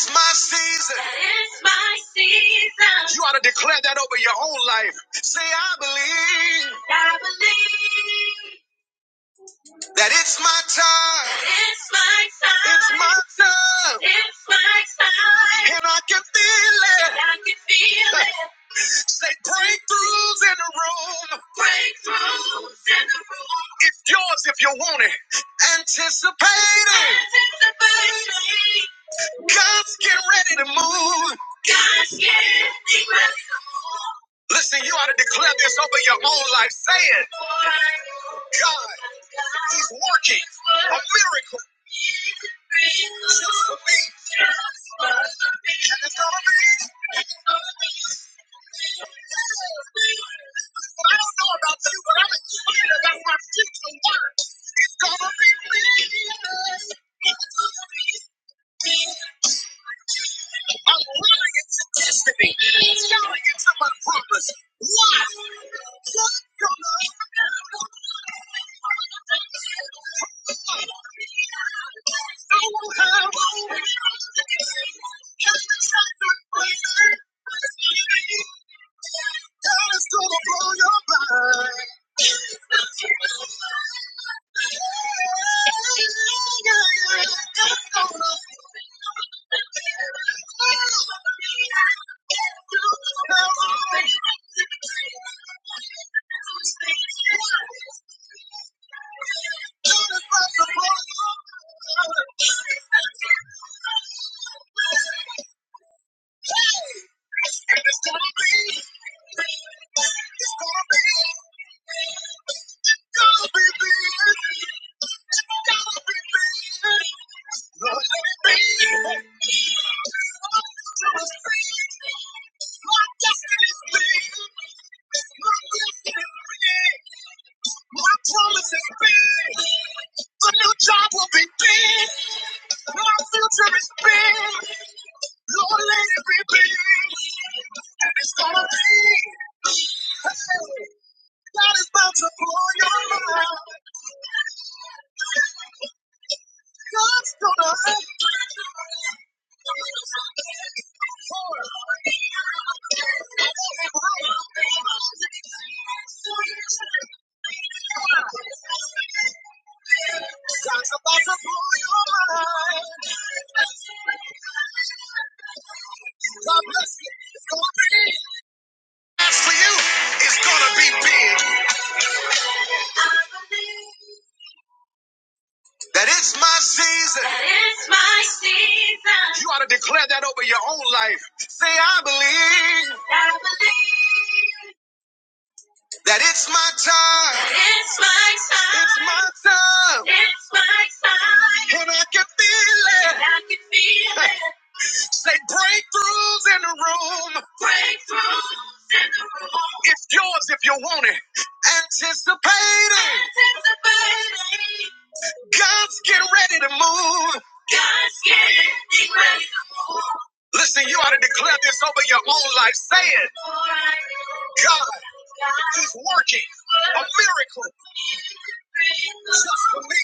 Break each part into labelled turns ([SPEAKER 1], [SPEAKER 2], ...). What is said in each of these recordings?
[SPEAKER 1] It's my season. You ought to declare that over your whole life. Say, I believe my time, my time, and I can feel Say, breakthroughs in the room. It's yours if you want it. Anticipate God's getting ready to move. Listen, you ought to declare this over your own life. Say it. God working miracle for you is gonna be big. That it's my season. You ought to declare that over your own life. Say, I believe. It's my time, my time, and I can feel it. Say breakthroughs in the room. It's yours if you want it. Anticipate God's getting ready to move. Listen, you ought to declare this over your own life. Say it. God is working a miracle. for me.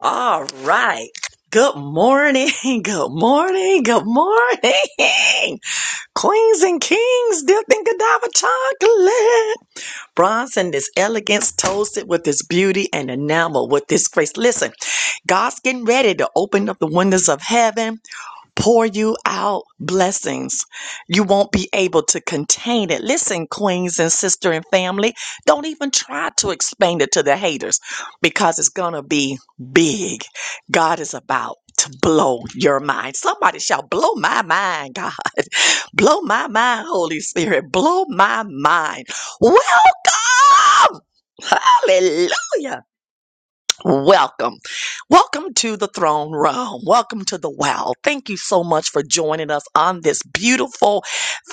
[SPEAKER 1] All right. Good morning. Good morning. Good morning. Queens and kings dipped in Godiva chocolate. Bronze in this elegance, toasted with this beauty and enamel with this grace. Listen, God's getting ready to open up the windows of heaven pour you out blessings. You won't be able to contain it. Listen, queens and sister and family, don't even try to explain it to the haters because it's going to be big. God is about to blow your mind. Somebody shall blow my mind, God. Blow my mind, Holy Spirit. Blow my mind. Welcome. Hallelujah Welcome. Welcome to the throne room. Welcome to the wow. Thank you so much for joining us on this beautiful,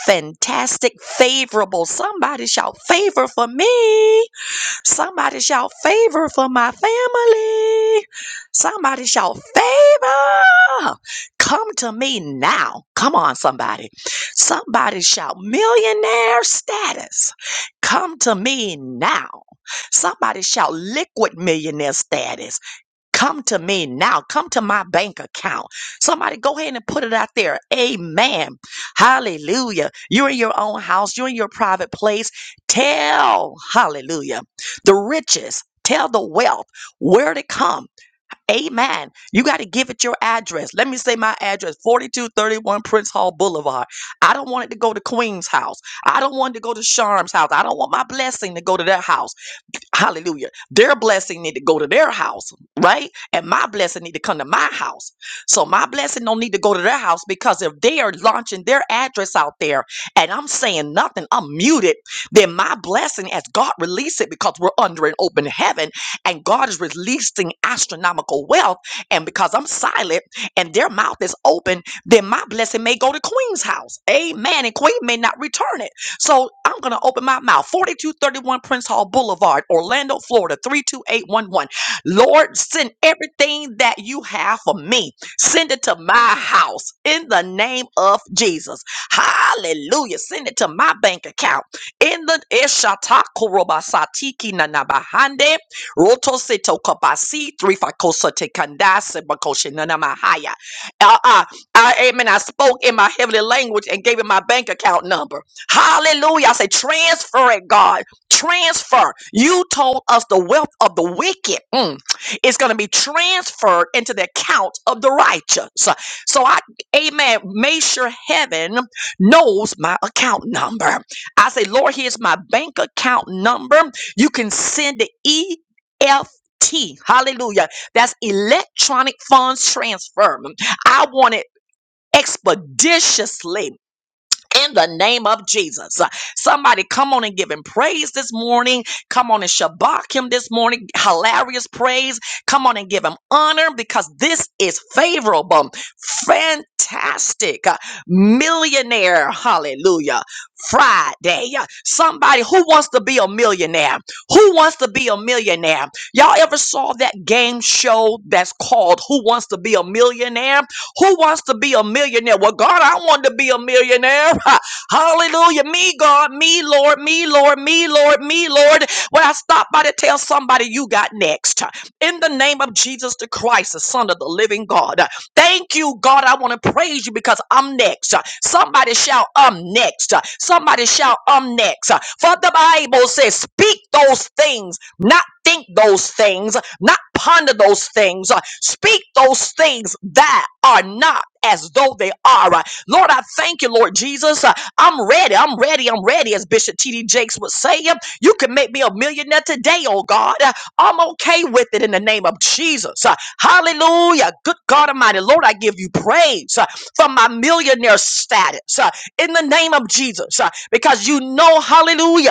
[SPEAKER 1] fantastic, favorable. Somebody shout favor for me. Somebody shout favor for my family. Somebody shout favor. Come to me now. Come on, somebody. Somebody shout millionaire status. Come to me now. Somebody shout liquid millionaire status. Come to me now. Come to my bank account. Somebody go ahead and put it out there. Amen. Hallelujah. You're in your own house. You're in your private place. Tell, hallelujah, the riches. Tell the wealth where to come. Amen. You got to give it your address. Let me say my address 4231 Prince Hall Boulevard. I don't want it to go to Queen's house. I don't want it to go to Sharm's house. I don't want my blessing to go to their house. Hallelujah. Their blessing need to go to their house, right? And my blessing need to come to my house. So my blessing don't need to go to their house because if they are launching their address out there and I'm saying nothing, I'm muted, then my blessing as God release it because we're under an open heaven and God is releasing astronomical wealth. And because I'm silent and their mouth is open, then my blessing may go to Queen's house. Amen. And Queen may not return it. So I'm going to open my mouth. 4231 Prince Hall Boulevard, Orlando, Florida, 32811. Lord, send everything that you have for me. Send it to my house in the name of Jesus. Hallelujah. Send it to my bank account. In the Eshatakorobasatikina nanabahande Roto Seto Kabasi, Thrifakosate Kandase Bakoshe Nanamahaya. Uh, uh, I, amen. I spoke in my heavenly language and gave him my bank account number. Hallelujah. I say, transfer it, God. Transfer. You told us the wealth of the wicked mm, is going to be transferred into the account of the righteous. So I, amen, make sure heaven knows my account number. I say, Lord, here's my bank account number. You can send the EFT. Hallelujah. That's electronic funds transfer. I want it expeditiously in the name of Jesus. Uh, Somebody come on and give him praise this morning. Come on and shabak him this morning. Hilarious praise. Come on and give him honor because this is favorable, fantastic, uh, millionaire. Hallelujah. Friday. Uh, Somebody who wants to be a millionaire. Who wants to be a millionaire? Y'all ever saw that game show that's called Who Wants to Be a Millionaire? Who wants to be a millionaire? Well, God, I want to be a millionaire. Hallelujah. Me, God, me, Lord, me, Lord, me, Lord, me, Lord. When I stop by to tell somebody you got next. In the name of Jesus the Christ, the Son of the living God. Thank you, God. I want to praise you because I'm next. Somebody shout, I'm next. Somebody shout, I'm next. For the Bible says, speak those things, not think those things, not ponder those things. Speak those things that are not as though they are. Lord, I thank you, Lord Jesus. Uh, I'm ready. I'm ready. I'm ready, as Bishop T.D. Jakes would say. Um, You can make me a millionaire today, oh God. Uh, I'm okay with it in the name of Jesus. Uh, Hallelujah. Good God Almighty. Lord, I give you praise uh, for my millionaire status uh, in the name of Jesus uh, because you know, hallelujah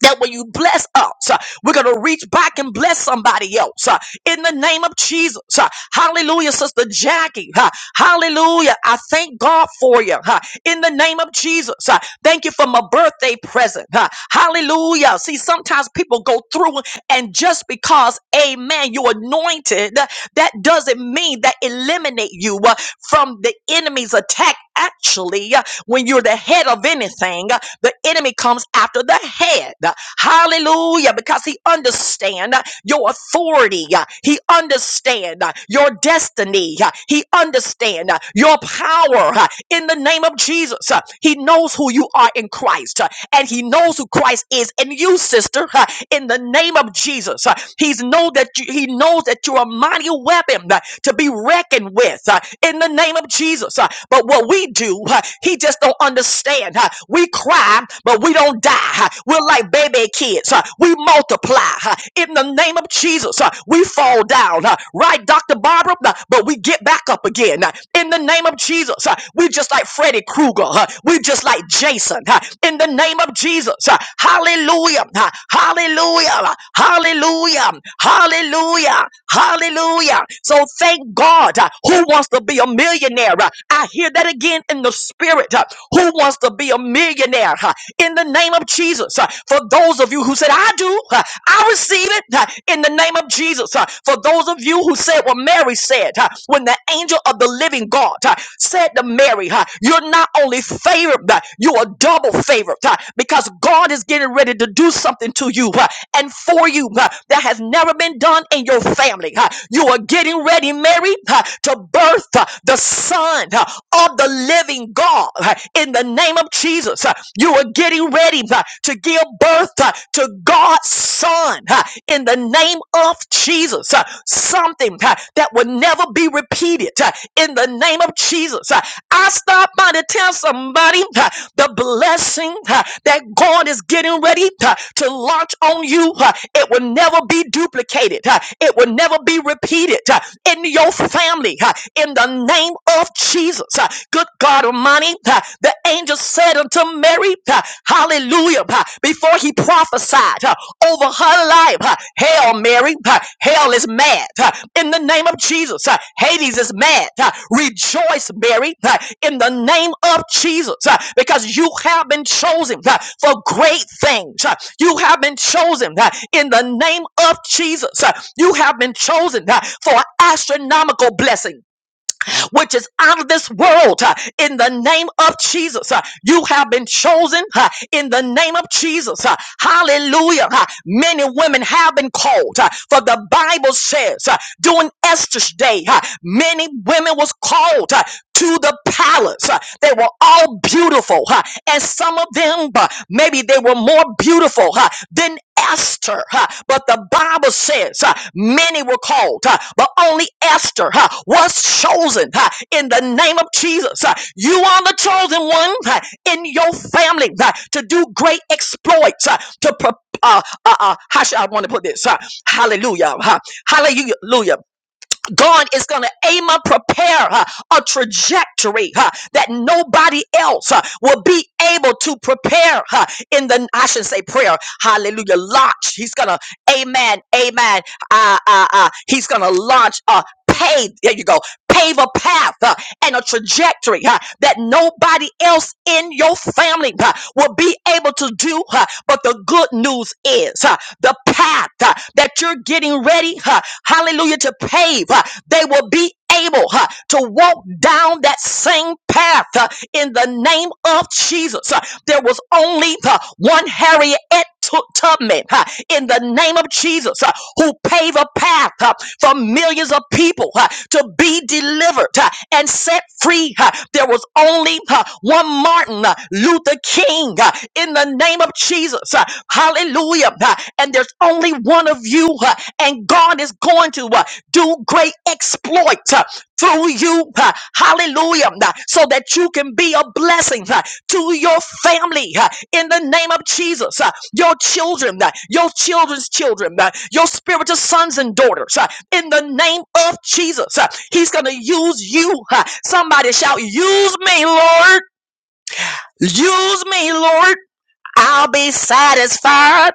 [SPEAKER 1] that when you bless us, uh, we're going to reach back and bless somebody else uh, in the name of Jesus. uh, Hallelujah, Sister Jackie. uh, Hallelujah. I thank God for you uh, in the name of Jesus. uh, Thank you for my birthday present. uh, Hallelujah. See, sometimes people go through and just because, amen, you're anointed, that doesn't mean that eliminate you uh, from the enemy's attack actually, uh, when you're the head of anything, uh, the enemy comes after the head. Hallelujah, because he understands your authority. uh, He understands your destiny. uh, He understands your power uh, in the name of Jesus. uh, He knows who you are in Christ, uh, and he knows who Christ is in you, sister, uh, in the name of Jesus. uh, He's know that you, he knows that you're a mighty weapon uh, to be reckoned with uh, in the name of Jesus. uh, but what we do, huh, he just don't understand. huh. We cry, but we don't die. huh. We're like baby kids. huh. We multiply. huh. In the name of Jesus, huh, we fall down. huh. Right, Dr. Barbara? Nah, But we get back up again. huh. In the name of Jesus, huh, we just like Freddy Krueger. huh. We just like Jason. huh. In the name of Jesus, huh. hallelujah, huh. hallelujah, huh. hallelujah, hallelujah, hallelujah. So thank God. huh, Who wants to be a millionaire? Huh? Uh, I hear that again in the spirit. Uh, Who wants to be a millionaire? Uh, In the name of Jesus. Uh, For those of you who said, I do, uh, I receive it uh, in the name of Jesus. Uh, For those of you who said what Mary said, uh, when the angel of the living God uh, said to Mary, uh, You're not only favored, uh, you are double favored uh, because God is getting ready to do something to you uh, and for you uh, that has never been done in your family. uh. You are getting ready, Mary, uh, to birth uh, the Son uh, of the living God uh, in the name of Jesus. uh, You are getting ready uh, to give birth uh, to God's Son uh, in the name of Jesus. uh, Something uh, that will never be repeated uh, in the name of Jesus. Uh, I stop by to tell somebody uh, the blessing uh, that God is getting ready uh, to launch on you. uh, It will never be duplicated. uh, It will never be repeated uh, in your family. uh, In the the name of Jesus. Uh, Good God Almighty, uh, the angel said unto Mary, uh, Hallelujah, uh, before he prophesied uh, over her life, uh, Hail Mary, uh, hell is mad. uh, In the name of Jesus, uh, Hades is mad. uh, Rejoice, Mary, uh, in the name of Jesus, uh, because you have been chosen uh, for great things. uh, You have been chosen uh, in the name of Jesus. uh, You have been chosen uh, for astronomical blessings which is out of this world uh, in the name of Jesus. uh, You have been chosen uh, in the name of Jesus. uh, Hallelujah. uh, Many women have been called uh, for the Bible says uh, during Esther's day, uh, many women was called. uh, to the palace. Uh, They were all beautiful, huh? and some of them, uh, maybe they were more beautiful huh, than Esther. huh? But the Bible says uh, many were called, huh, but only Esther huh, was chosen huh, in the name of Jesus. huh? You are the chosen one huh, in your family huh, to do great exploits, huh, to pre- uh, uh, uh, how should I want to put this? huh? Hallelujah. huh? Hallelujah. God is going to aim and prepare uh, a trajectory uh, that nobody else uh, will be able to prepare uh, in the, I should not say prayer, hallelujah, launch. He's going to, amen, amen. Ah, ah, ah. He's going to launch a pave. There you go. Pave a path uh, and a trajectory uh, that nobody else in your family uh, will be able to do. uh, but the good news is uh, the path uh, that you're getting ready, uh, hallelujah, to pave, uh, they will be able uh, to walk down that same path uh, in the name of Jesus. Uh, There was only the one Harriet Tu- Tubman uh, in the name of Jesus uh, who paved a path uh, for millions of people uh, to be delivered uh, and set free. uh, There was only uh, one Martin uh, Luther King uh, in the name of Jesus. uh, Hallelujah. uh, And there's only one of you uh, and God is going to uh, do great exploits uh, through you. uh, Hallelujah. uh, So that you can be a blessing uh, to your family uh, in the name of Jesus. uh, Your children, uh, your children's children, uh, your spiritual sons and daughters uh, in the name of Jesus. uh, He's going to use you. uh, Somebody shout, Use me, Lord. Use me, Lord. I'll be satisfied.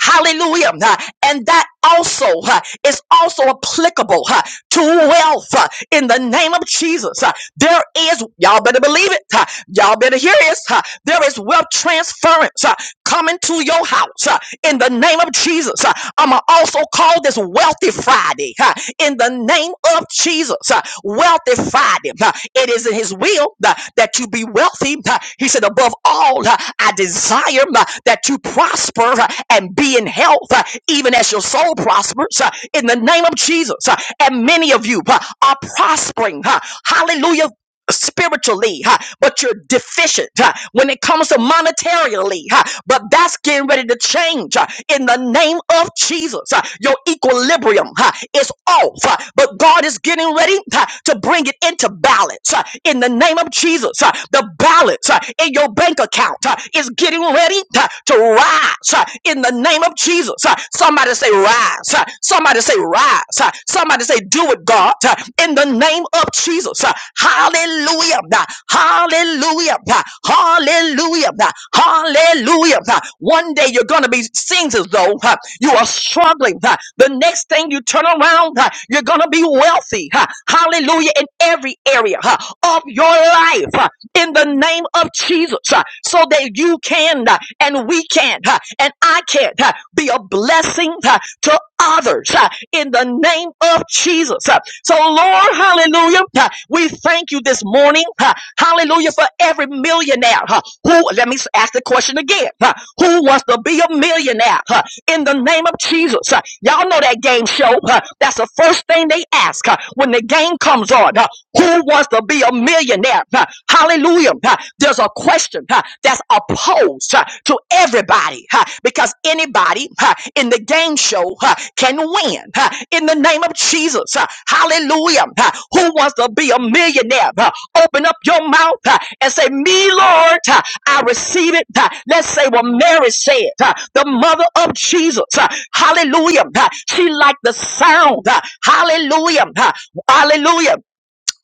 [SPEAKER 1] Hallelujah. Uh, And that also uh, is also applicable uh, to wealth uh, in the name of Jesus. Uh, There is, y'all better believe it. uh, Y'all better hear this. uh, There is wealth transference uh, coming to your house uh, in the name of Jesus. Uh, I'ma also call this Wealthy Friday. uh, ha, in the name of Jesus. ha, Wealthified him. ha. It is in his will ha, that you be wealthy. ha. He said, above all, ha, I desire ha, that you prosper ha, and be in health, ha, even as your soul prospers, ha, in the name of Jesus. ha. And many of you ha, are prospering. ha. Hallelujah spiritually, huh, but you're deficient huh, when it comes to monetarily. Huh, but that's getting ready to change huh, in the name of Jesus. huh. your equilibrium huh, is off, huh, but God is getting ready huh, to bring it into balance huh, in the name of Jesus. huh. the balance huh, in your bank account huh, is getting ready huh, to rise huh, in the name of Jesus. huh. somebody say rise. huh. somebody say rise. huh. Somebody say, do it, God, uh, in the name of Jesus. Uh, Hallelujah. Uh, Hallelujah. Uh, Hallelujah. Uh, Hallelujah. Uh, One day you're going to be seems as though uh, you are struggling. Uh, The next thing you turn around, uh, you're going to be wealthy. Uh, Hallelujah. In every area uh, of your life. Uh, in the name of Jesus uh, so that you can uh, and we can uh, and I can wicked. uh, Be a blessing uh, to others uh, in the name of Jesus. Uh, So, Lord, hallelujah, uh, we thank you this morning, uh, hallelujah, for every millionaire uh, who, let me ask the question again, uh, who wants to be a millionaire uh, in the name of Jesus? Uh, Y'all know that game show. uh, That's the first thing they ask uh, when the game comes on. uh, Who wants to be a millionaire? Uh, Hallelujah. Uh, There's a a question huh, that's opposed huh, to everybody huh, because anybody huh, in the game show huh, can win huh, in the name of Jesus. huh, hallelujah. huh. who wants to be a millionaire? huh? open up your mouth huh, and say, Me, Lord, huh, I receive it. huh. let's say what Mary said, huh, the mother of Jesus. huh, hallelujah. huh. she liked the sound. huh, hallelujah. huh, hallelujah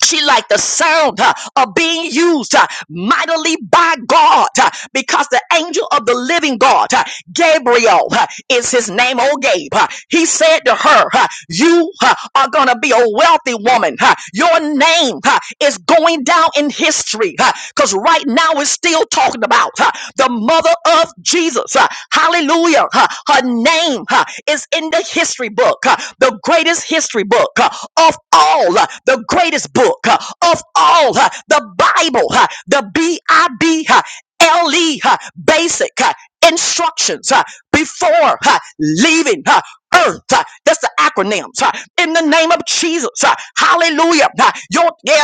[SPEAKER 1] she liked the sound uh, of being used uh, mightily by God uh, because the angel of the living God, uh, Gabriel uh, is his name, oh Gabe. uh, he said to her, uh, You uh, are going to be a wealthy woman. uh, your name uh, is going down in history mystery because right now we're still talking about huh, the mother of Jesus. huh, Hallelujah. huh, Her name huh, is in the history book, huh, the greatest history book huh, of all, huh, the greatest book huh, of all, huh, the Bible, huh, the B I B huh, L E huh, basic. huh, Instructions huh, before huh, leaving. uh, earth. Uh, That's the acronyms. uh, In the name of Jesus. uh, Hallelujah. Uh, Your yeah,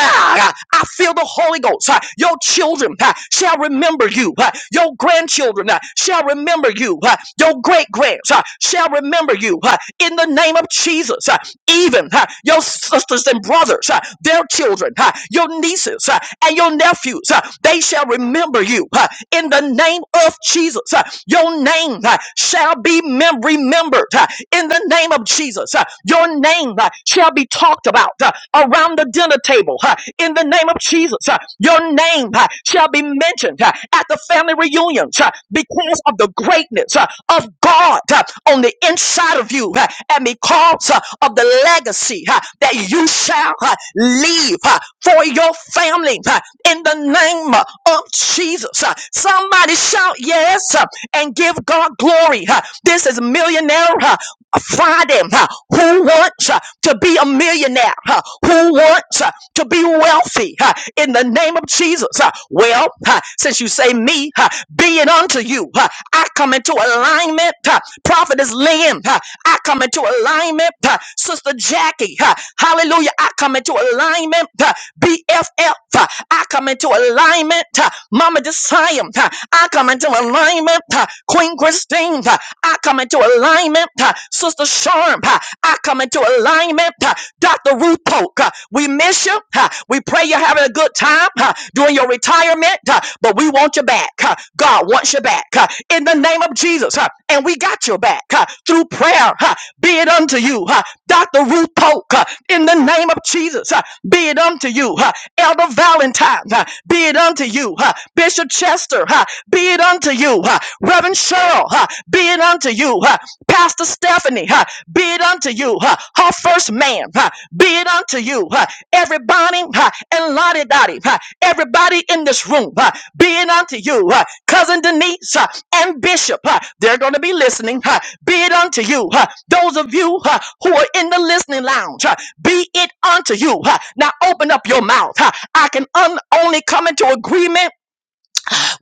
[SPEAKER 1] uh, I feel the Holy Ghost. uh, Your children uh, shall remember you. uh, Your grandchildren uh, shall remember you. uh, Your great grands uh, shall remember you. uh, In the name of Jesus. uh, Even uh, your sisters and brothers, uh, their children, uh, your nieces uh, and your nephews, uh, they shall remember you. uh, In the name of Jesus. uh, Your name uh, shall be memorable remem- remembered uh, in the name of Jesus. Uh, Your name uh, shall be talked about uh, around the dinner table uh, in the name of Jesus. Uh, Your name uh, shall be mentioned uh, at the family reunions uh, because of the greatness uh, of God uh, on the inside of you uh, and because uh, of the legacy uh, that you shall uh, leave uh, for your family uh, in the name uh, of Jesus. Uh, Somebody shout yes uh, and give God God glory. huh? This is millionaire huh, Friday. huh? Who wants uh, to be a millionaire? huh? Who wants uh, to be wealthy? huh? In the name of Jesus. huh? Well, huh, since you say me, huh, be it unto you. huh? I come into alignment. huh? Prophet is Lynn. huh? I come into alignment. huh? Sister Jackie. huh? Hallelujah. I come into alignment. huh? BFF. huh? I come into alignment. huh? Mama Desire. huh? I come into alignment alignment. uh, Queen Christine, uh, I come into alignment. uh, Sister Sharp, uh, I come into alignment. uh, Dr. Ruth Polk, uh, we miss you. uh, We pray you're having a good time uh, during your retirement, uh, but we want you back. uh, God wants you back uh, in the name of Jesus. uh, And we got you back uh, through prayer. uh, Be it unto you, uh, Dr. Ruth Polk, uh, in the name of Jesus. uh, Be it unto you, uh, Elder Valentine. uh, Be it unto you, uh, Bishop Chester ha, be it unto you, ha. Reverend Cheryl, ha, be it unto you, ha. Pastor Stephanie, ha, be it unto you, ha. Her first man, ha, be it unto you, ha. Everybody, ha, and Lottie Dottie, ha, everybody in this room, ha, be it unto you, ha. Cousin Denise, ha, and Bishop, ha, they're going to be listening, ha. Be it unto you, ha. Those of you, ha, who are in the listening lounge, ha, be it unto you, ha. Now open up your mouth, ha. I can un- only come into agreement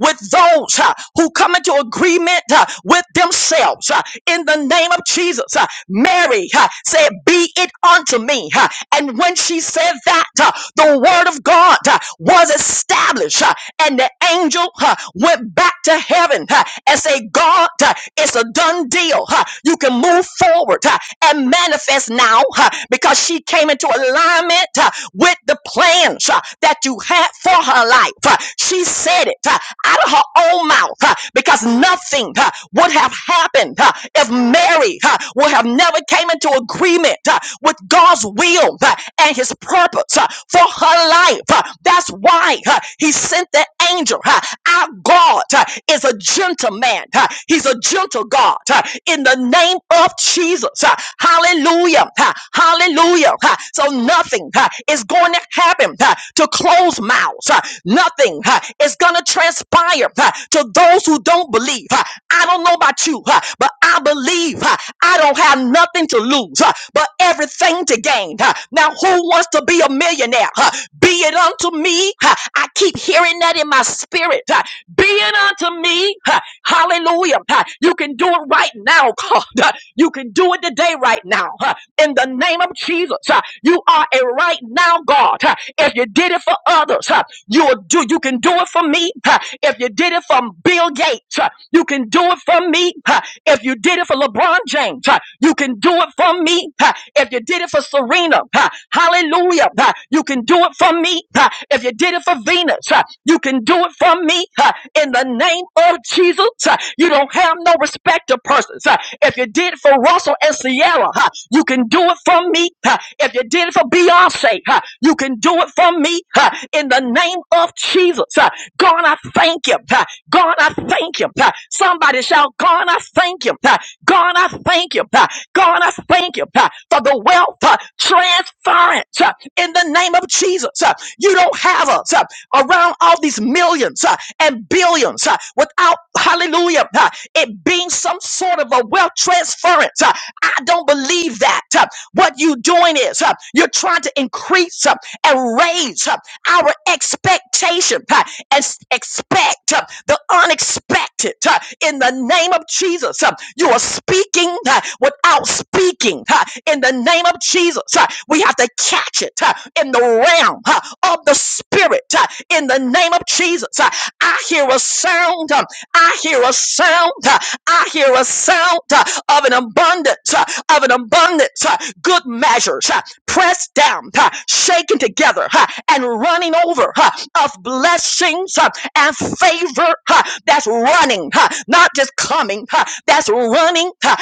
[SPEAKER 1] with those uh, who come into agreement uh, with themselves uh, in the name of Jesus. uh, Mary uh, said, Be it unto me. uh, And when she said that, uh, the word of God uh, was established, uh, and the angel uh, went back to heaven uh, and said, God, uh, it's a done deal. uh, You can move forward uh, and manifest now uh, because she came into alignment uh, with the plans uh, that you had for her life. Uh, She said it uh, out of her own mouth uh, because nothing uh, would have happened uh, if Mary uh, would have never came into agreement uh, with God's will uh, and his purpose uh, for her life. Uh, That's why uh, he sent the angel. uh, Our God uh, is a gentleman. uh, He's a gentle God. uh, In the name of Jesus. uh, Hallelujah. uh, Hallelujah. uh, So nothing uh, is going to happen uh, to close mouths. uh, Nothing uh, is going to transpire uh, to those who don't believe. Uh, I don't know about you, uh, but I believe uh, I don't have nothing to lose, uh, but everything to gain. uh. Now, who wants to be a millionaire? uh? Be it unto me. uh, I keep hearing that in my spirit. uh, Be it unto me. uh, Hallelujah. uh, You can do it right now, God. uh, You can do it today, right now. uh, In the name of Jesus, uh, you are a right now God. uh, If you did it for others, uh, you'll do. You you can do it for me. huh. If you did it from Bill Gates, huh, you can do it for me. huh. If you did it for LeBron James, huh, you can do it for me. huh. If you did it for Serena, huh, hallelujah, huh, you can do it for me. huh. If you did it for Venus, huh, you can do it for me. huh. In the name of Jesus, huh, you don't have no respect of persons. huh. If you did it for Russell and Sierra, huh, you can do it for me. huh. If you did it for Beyonce, huh, you can do it for me. huh. In the name of of Jesus. Uh, God, I thank you. Uh, God, I thank you. Uh, Somebody shout, God, I thank you. Uh, God, I thank you. Uh, God, I thank you uh, for the wealth uh, transference uh, in the name of Jesus. Uh, You don't have us uh, around all these millions uh, and billions uh, without, hallelujah, uh, it being some sort of a wealth transference. Uh, I don't believe that. Uh, What you're doing is uh, you're trying to increase uh, and raise uh, our expectations expectation uh, and s- expect uh, the unexpected uh, in the name of Jesus. uh, You are speaking uh, without speaking uh, in the name of Jesus. uh, We have to catch it uh, in the realm uh, of the spirit uh, in the name of Jesus. uh, I hear a sound. uh, I hear a sound. uh, I hear a sound uh, of an abundance, uh, of an abundance, uh, good measures, uh, pressed down, uh, shaken together, uh, and running running over huh, of blessings huh, and favor huh, that's running, huh, not just coming, huh, that's running huh,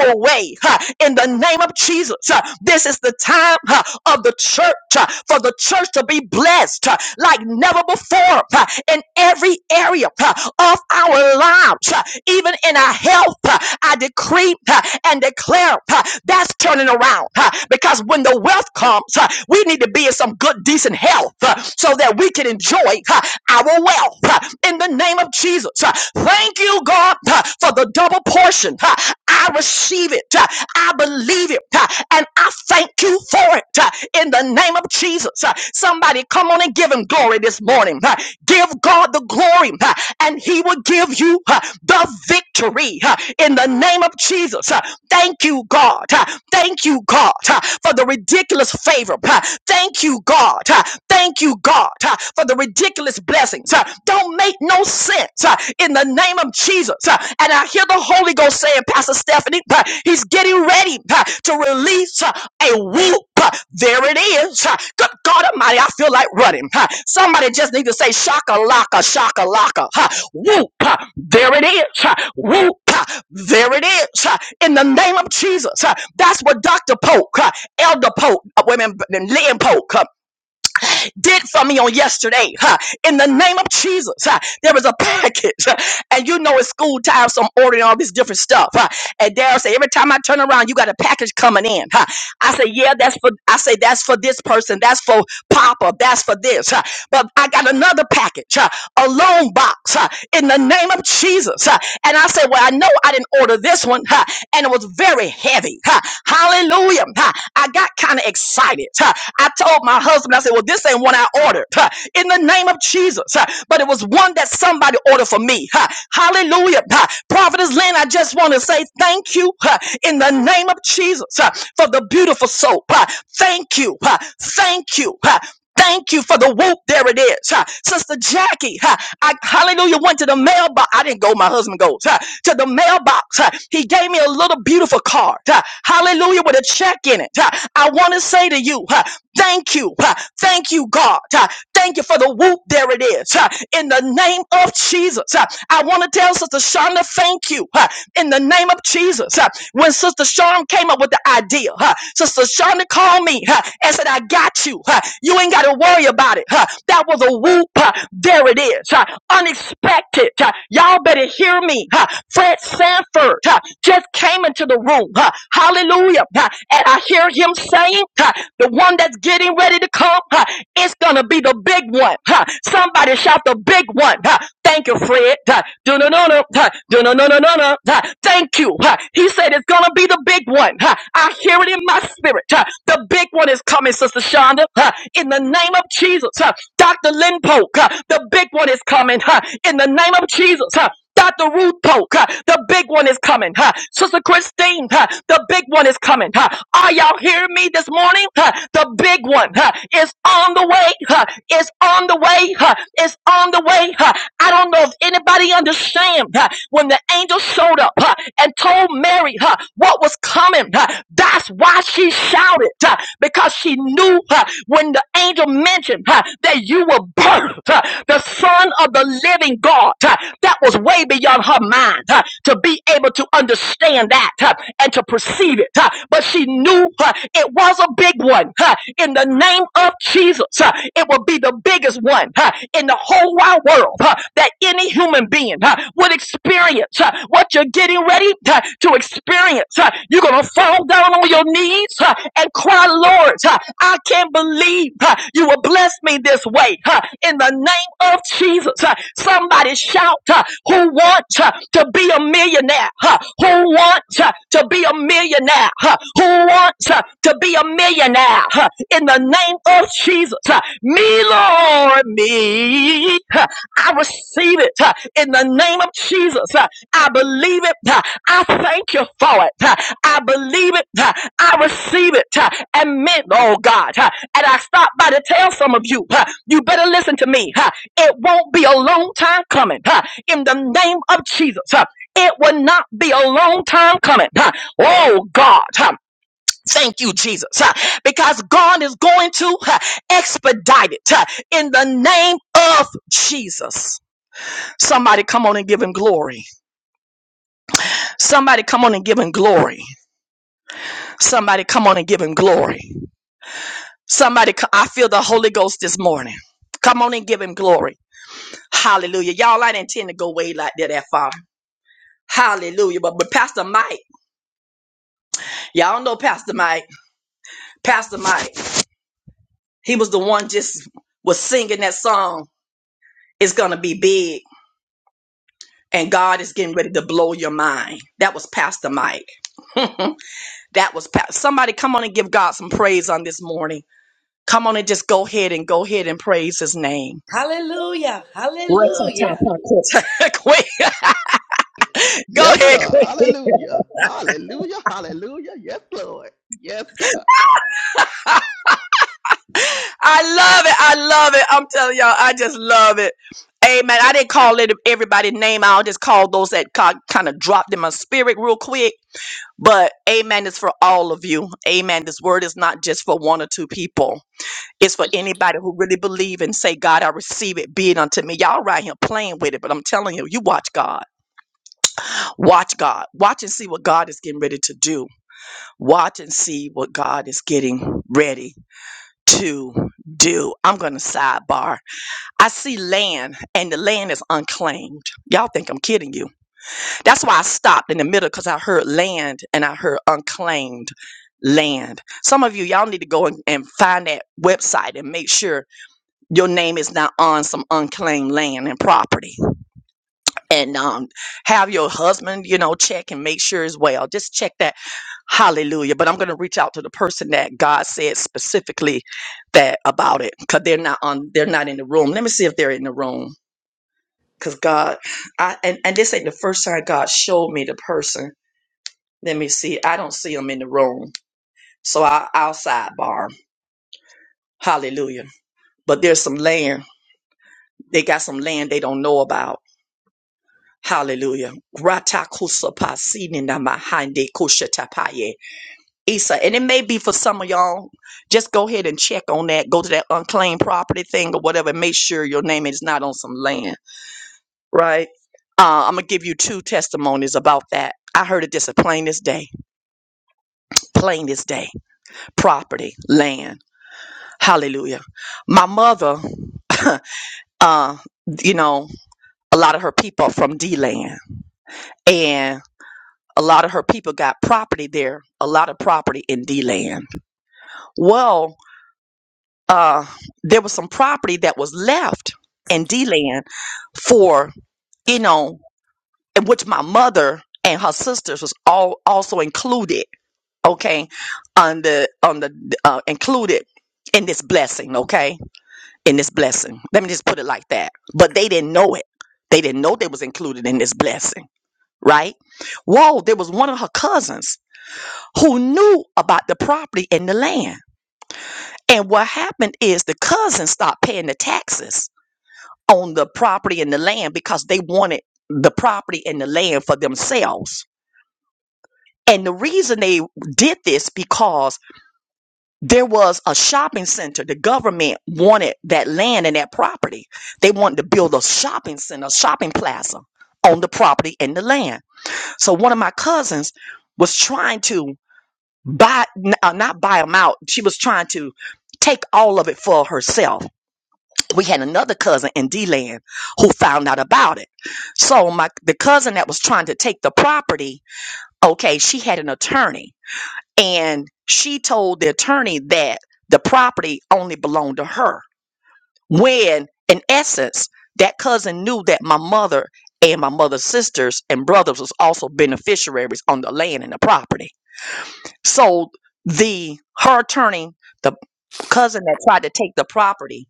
[SPEAKER 1] our way huh, in the name of Jesus. huh. This is the time huh, of the church huh, for the church to be blessed huh, like never before huh, in every area huh, of our lives, huh, even in our health. huh. I decree huh, and declare huh, that's turning around huh, because when the wealth comes, huh, we need to be in some good, decent health wealth uh, so that we can enjoy uh, our wealth uh, in the name of Jesus. Uh, Thank you, God, uh, for the double portion. Uh, I receive it. Uh, I believe it. Uh, And I thank you for it uh, in the name of Jesus. Uh, Somebody come on and give him glory this morning. Uh, Give God the glory uh, and he will give you uh, the victory uh, in the name of Jesus. Uh, Thank you, God. Uh, Thank you, God, uh, for the ridiculous favor. Uh, Thank you, God, uh, Thank you, God, uh, for the ridiculous blessings. uh, Don't make no sense uh, in the name of Jesus. uh, And I hear the Holy Ghost saying, Pastor Stephanie, uh, he's getting ready uh, to release uh, a whoop. Uh, There it is. Uh, Good God Almighty, I feel like running. Uh, Somebody just need to say, shaka laka, shaka laka. Whoop. Uh, There it is. Uh, Whoop. Uh, There it is. Uh, In the name of Jesus. Uh, That's what Dr. Polk, uh, Elder Polk, uh, women, Lynn Polk did for me on yesterday. huh, In the name of Jesus, huh, there was a package, huh, and you know it's school time, so I'm ordering all this different stuff. huh, And Daryl said, every time I turn around, you got a package coming in. huh." I say, yeah, that's for. I say that's for this person. That's for Papa. That's for this. huh, But I got another package, huh, a loan box, huh, in the name of Jesus. huh, And I said, well, I know I didn't order this one, huh, and it was very heavy. huh, Hallelujah. huh? Ha, I got kind of excited. Ha, I told my husband, I said, well, this ain't one I ordered. Ha, in the name of Jesus. Ha, but it was one that somebody ordered for me. Ha, hallelujah. Ha, Prophetess Lynn, I just want to say thank you ha, in the name of Jesus ha, for the beautiful soap. Ha, thank you. Ha, thank you. Ha, Thank you for the whoop. There it is. Huh. Sister Jackie, huh, I, hallelujah, went to the mailbox. I didn't go, my husband goes. huh, To the mailbox. huh. He gave me a little beautiful card. huh, Hallelujah, with a check in it. huh. I want to say to you, huh, thank you. huh, Thank you, God. huh. Thank you for the whoop. There it is. huh. In the name of Jesus. huh. I want to tell Sister Shonda, thank you. huh, In the name of Jesus. huh. When Sister Shawn came up with the idea, huh, Sister Shonda called me on me huh, and said, I got you. huh. You ain't got to worry about it. huh. That was a whoop. huh. There it is. huh. Unexpected. huh. Y'all better hear me. huh. Fred Sanford huh, just came into the room. huh. Hallelujah. huh. And I hear him saying, huh, the one that's getting ready to come, huh, it's going to be the big one. huh. Somebody shout the big one. huh. Thank you, Fred. huh. Do-no-no-no. huh. do no no no no huh. Thank you. huh. He said it's going to be the big one. huh." Ha, I hear it in my spirit. Ha, The big one is coming, Sister Shonda. Ha, In the name of Jesus. Ha, Dr. Lynn Polk, ha, the big one is coming. Ha, In the name of Jesus. Ha, Dr. Ruth Polk, ha, the big one is coming. ha. Sister Christine, ha, the big one is coming. ha. Are y'all hearing me this morning? ha? The big one ha, is on the way. ha. It's on the way. ha. It's on the way. ha. I don't know if anybody understands huh, when the angel showed up. ha, and told Mary huh, what was coming. huh. That's why she shouted huh, because she knew huh, when the angel mentioned huh, that you were birthed, huh, the son of the living God. huh, That was way beyond her mind huh, to be able to understand that huh, and to perceive it. huh. But she knew huh, it was a big one. huh, In the name of Jesus, huh, it will be the biggest one huh, in the whole wide world huh, that any human being huh, would experience uh, what you're getting ready uh, to experience. Uh, You're going to fall down on your knees uh, and cry, Lord, uh, I can't believe uh, you will bless me this way. uh, In the name of Jesus, Uh, somebody shout, uh, who wants uh, to be a millionaire? huh? Who wants uh, to be a millionaire? huh? Who wants uh, to be a millionaire? huh? In the name of Jesus, uh, me, Lord, me. Uh, I receive it uh, in the name of Jesus. Uh, I believe it. Uh, I thank you for it. Uh, I believe it. Uh, I receive it. Uh, And meant, oh God. uh, And I stopped by to tell some of you, uh, you better listen to me. uh, It won't be a long time coming. uh, In the name of Jesus. uh, It will not be a long time coming. uh, Oh God. uh, Thank you, Jesus, uh, because God is going to uh, expedite it uh, in the name of Jesus. Somebody come on and give him glory. Somebody come on and give him glory. Somebody come on and give him glory. Somebody, co- I feel the Holy Ghost this morning. Come on and give him glory. Hallelujah. Y'all, I didn't intend to go way like that that far. Hallelujah. But, but Pastor Mike, y'all know Pastor Mike. Pastor Mike, he was the one just was singing that song. It's going to be big. And God is getting ready to blow your mind. That was Pastor Mike. that was Pastor. Somebody come on and give God some praise on this morning. Come on and just go ahead and go ahead and praise his name.
[SPEAKER 2] Hallelujah, hallelujah,
[SPEAKER 1] Queen, go
[SPEAKER 3] Yes,
[SPEAKER 1] ahead.
[SPEAKER 3] sir. Hallelujah. Hallelujah. Hallelujah. Yes, Lord. Yes, God.
[SPEAKER 1] I love it. I love it. I'm telling y'all, I just love it. Amen. I didn't call it everybody's name. I'll just call those that kind of dropped in my spirit real quick. But amen is for all of you. Amen. This word is not just for one or two people. It's for
[SPEAKER 4] So,
[SPEAKER 1] anybody who really believe and say, God, I receive it. Be it unto me. Y'all right here playing with it, but I'm telling you, you watch God. Watch God. Watch and see what God is getting ready to do. Watch and see what God is getting ready to do. I'm going to sidebar. I see land, and the land is unclaimed. Y'all think I'm kidding you. That's why I stopped in the middle because I heard land and I heard unclaimed land. Some of you, y'all need to go and, and find that website and make sure your name is not on some unclaimed land and property and um, have your husband, you know, check and make sure as well. Just check that. Hallelujah. But I'm going to reach out to the person that God said specifically that about it because they're not on, they're not in the room. Let me see if they're in the room because God, I, and, and this ain't the first time God showed me the person. Let me see. I don't see them in the room. So I, I'll sidebar. Hallelujah. But there's some land. They got some land they don't know about Hallelujah. Grata kusapa sinina mahande kushatapaye. Isa, and it may be for some of y'all, just go ahead and check on that. Go to that unclaimed property thing or whatever. and Make sure your name is not on some land, right? Uh, I'm going to give you two testimonies about that. I heard it just plain as day, plain as day. Property, land. Hallelujah. My mother, uh, you know, a lot of her people are from D land. a lot of her people got property there, a lot of property in D land. Well, uh, there was some property that was left in D land for, you know, in which my mother and her sisters was all also included, okay, on the on the uh, included in this blessing, okay? In this blessing. Let me just put it like that. But they didn't know it. They didn't know they was included in this blessing, right? Whoa, there was one of her cousins who knew about the property and the land. And what happened is the cousins stopped paying the taxes on the property and the land because they wanted the property and the land for themselves. And the reason they did this because there was a shopping center. The government wanted that land and that property. They wanted to build a shopping center, a shopping plaza on the property and the land. So one of my cousins was trying to buy n- uh, not buy them out. She was trying to take all of it for herself. We had another cousin in D-Land who found out about it. So my the cousin that was trying to take the property, okay, she had an attorney, and she told the attorney that the property only belonged to her. When in essence, that cousin knew that my mother and my mother's sisters and brothers was also beneficiaries on the land and the property. So the her attorney, the cousin that tried to take the property,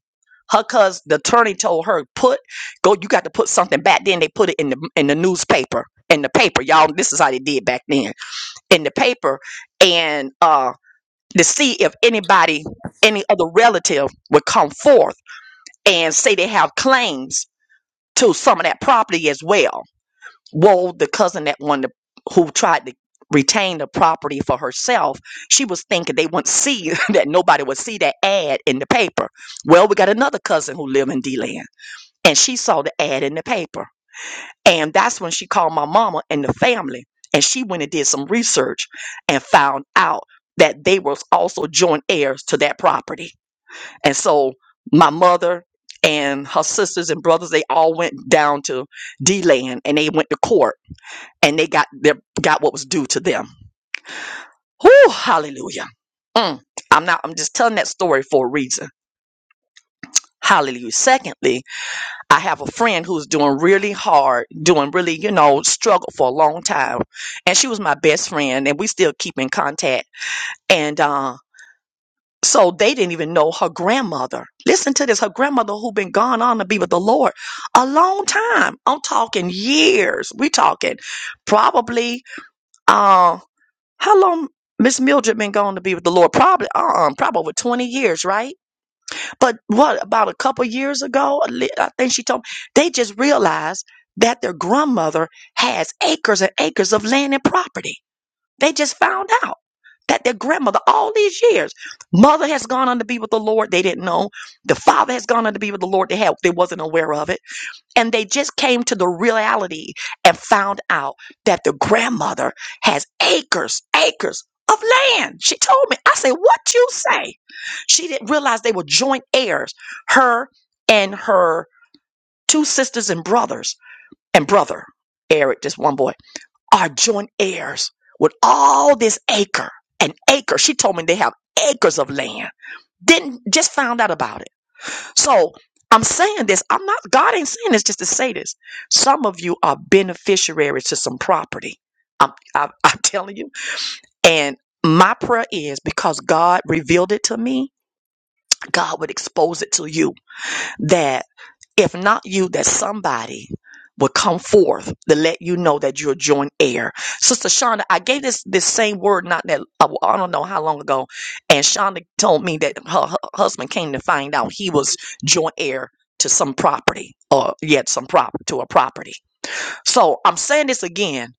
[SPEAKER 1] her cousin, the attorney told her, put go, you got to put something back. Then they put it in the in the newspaper. In the paper, y'all, this is how they did back then. In the paper, and uh to see if anybody, any other relative would come forth and say they have claims to some of that property as well well, the cousin that won the who tried to retain the property for herself, she was thinking they wouldn't see that nobody would see that ad in the paper. Well, we got another cousin who live in D-Land, and she saw the ad in the paper, and that's when she called my mama and the family, and she went and did some research and found out that they was also joint heirs to that property, and so my mother and her sisters and brothers they all went down to D-Land and they went to court and they got their got what was due to them. Whew, hallelujah. Mm. I'm not I'm just telling that story for a reason. Hallelujah. Secondly, I have a friend who's doing really hard, doing really, you know, struggled for a long time. And she was my best friend and we still keep in contact. And uh so they didn't even know her grandmother. Listen to this. Her grandmother who been gone on to be with the Lord a long time. I'm talking years. We talking probably uh, How long Miss Mildred been going to be with the Lord? Probably, um, probably over twenty years, right? But what about a couple years ago? a li- I think she told me they just realized that their grandmother has acres and acres of land and property. They just found out that their grandmother, all these years, mother has gone on to be with the Lord. They didn't know. The father has gone on to be with the Lord. They had, they wasn't aware of it and they just came to the reality and found out that the grandmother has acres, acres of land. She told me, I said, What you say? She didn't realize they were joint heirs, her and her two sisters and brothers and brother, Eric, this one boy, are joint heirs with all this acre. An acre. She told me they have acres of land. Didn't just found out about it. So I'm saying this. I'm not, God ain't saying this just to say this. Some of you are beneficiaries to some property. I'm, I, I'm telling you. And my prayer is because God revealed it to me, God would expose it to you that if not you, that somebody would come forth to let you know that you're a joint heir. Sister Shonda, I gave this this same word not that I I don't know how long ago, and Shonda told me that her, her husband came to find out he was joint heir to some property or yet some prop to a property so I'm saying this again.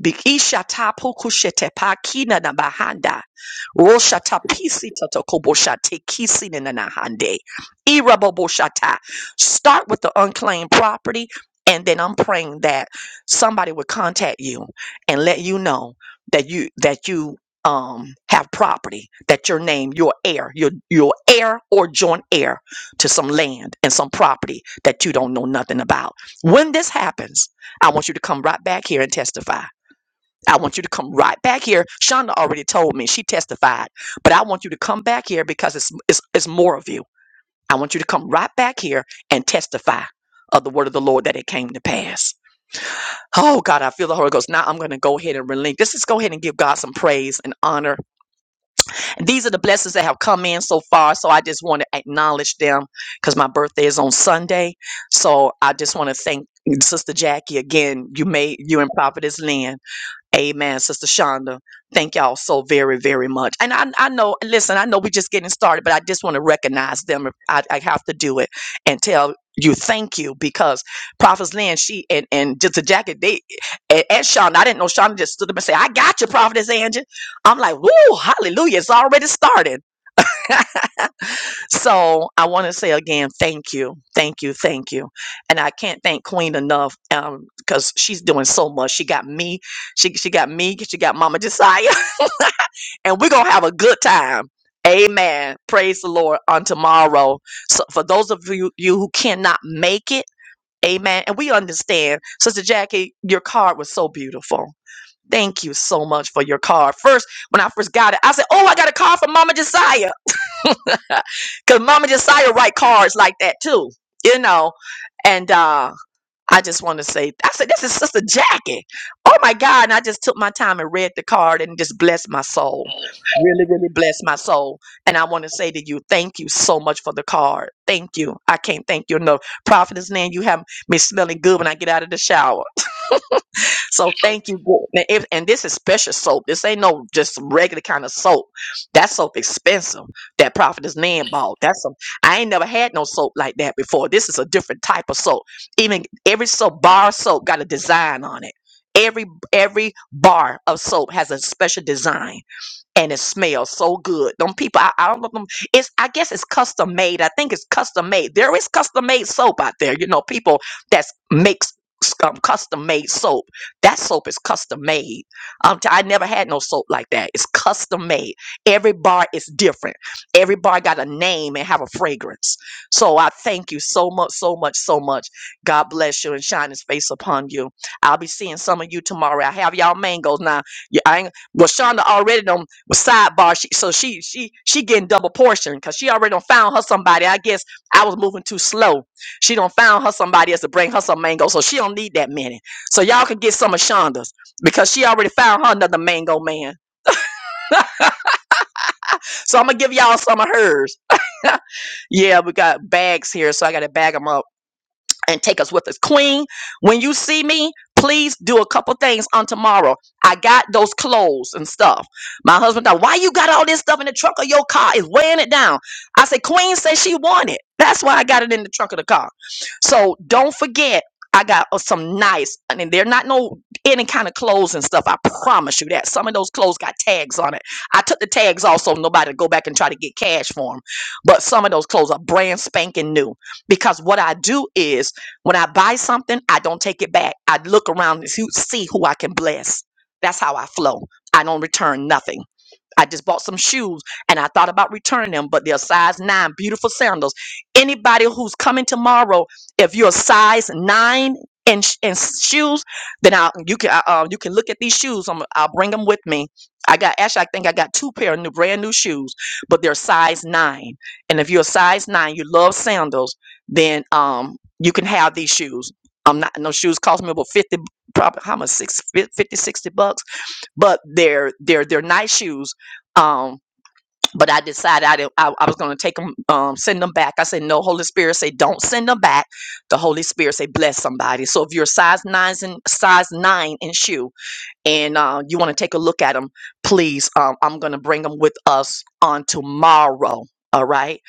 [SPEAKER 1] Bikisha tapu kushete pa kina na bahanda. Rosha tapisi tatokobosha tekisi na na hande. Iraboboshata. Start with the unclaimed property. And then I'm praying that somebody would contact you and let you know that you that you um have property, that your name, your heir, your your heir or joint heir to some land and some property that you don't know nothing about. When this happens, I want you to come right back here and testify. I want you to come right back here. Shonda already told me she testified, but I want you to come back here because it's, it's, it's more of you. I want you to come right back here and testify of the word of the Lord that it came to pass. Oh God, I feel the Holy Ghost. Now I'm going to go ahead and relinquish. Let's just go ahead and give God some praise and honor. These are the blessings that have come in so far. So I just want to acknowledge them because my birthday is on Sunday. So I just want to thank Sister Jackie again. You made you and Prophetess Lynn. Amen, Sister Shonda. Thank y'all so very, very much. And I, I know, listen, I know we're just getting started, but I just want to recognize them. I, I have to do it and tell you thank you because Prophet Lynn, she and, and just a jacket, they and, and Shonda, I didn't know Shonda just stood up and said, I got you, Prophetess Angie. I'm like, woo, hallelujah, it's already started. So I want to say again, thank you, thank you, thank you. And I can't thank Queen enough um, because she's doing so much. She got me, she, she got me, she got Mama Josiah, and we're going to have a good time. Amen. Praise the Lord on tomorrow. So for those of you, you who cannot make it, amen. And we understand, Sister Jackie, your card was so beautiful. Thank you so much for your card. First, when I first got it, I said, Oh, I got a card from Mama Josiah. Cause Mama Josiah write cards like that too, you know. And uh I just want to say, I said, this is Sister Jackie. Oh my God. And I just took my time and read the card and just blessed my soul. Really, really blessed my soul. And I want to say to you, thank you so much for the card. Thank you. I can't thank you enough. Prophetess Nan, you have me smelling good when I get out of the shower. So thank you, Lord. And, if, and this is special soap. This ain't no just regular kind of soap. That soap expensive. That prophetess man bought. That's some. I ain't never had no soap like that before. This is a different type of soap. Even every soap bar soap got a design on it. Every every bar of soap has a special design and it smells so good. Them people, I, I don't know them. It's I guess it's custom made. I think it's custom made. There is custom made soap out there. You know, people that makes s- um, custom made soap. That soap is custom made. Um, t- I never had no soap like that. It's custom made. Every bar is different. Every bar got a name and have a fragrance. So I thank you so much, so much, so much. God bless you and shine His face upon you. I'll be seeing some of you tomorrow. I have y'all mangoes now. Yeah, I ain't well, Shonda already done well, sidebar she so she she she getting double portion because she already done found her somebody i guess i was moving too slow she done found her somebody else to bring her some mango so she don't need that many so y'all can get some of shonda's because she already found her another mango man so i'm gonna give y'all some of hers yeah we got bags here so i gotta bag 'em up. and take us with us. Queen, when you see me, please do a couple things on tomorrow. I got those clothes and stuff. My husband thought, why you got all this stuff in the trunk of your car? It's weighing it down. I said, Queen said she wanted. it. That's why I got it in the trunk of the car. So don't forget, I got uh, some nice, I mean, they're not no any kind of clothes and stuff. I promise you that. Some of those clothes got tags on it. I took the tags off so nobody go back and try to get cash for them. But some of those clothes are brand spanking new because what I do is when I buy something, I don't take it back. I look around and see see who I can bless. That's how I flow. I don't return nothing. I just bought some shoes and I thought about returning them, but they're size nine, beautiful sandals. Anybody who's coming tomorrow, if you're size nine in, sh- in shoes, then I you can I, uh, you can look at these shoes. I'm, I'll bring them with me. I got actually I think I got two pair of new brand new shoes, but they're size nine. And if you're a size nine, you love sandals, then um you can have these shoes. I'm not no shoes cost me about fifty probably how much six fifty sixty bucks but they're they're they're nice shoes. Um, but I decided I didn't, I, I was going to take them, um, send them back. I said, no, Holy Spirit say don't send them back. The Holy Spirit say bless somebody. So if you're size nine and size nine in shoe, and uh, you want to take a look at them, please, um, I'm going to bring them with us on tomorrow. All right.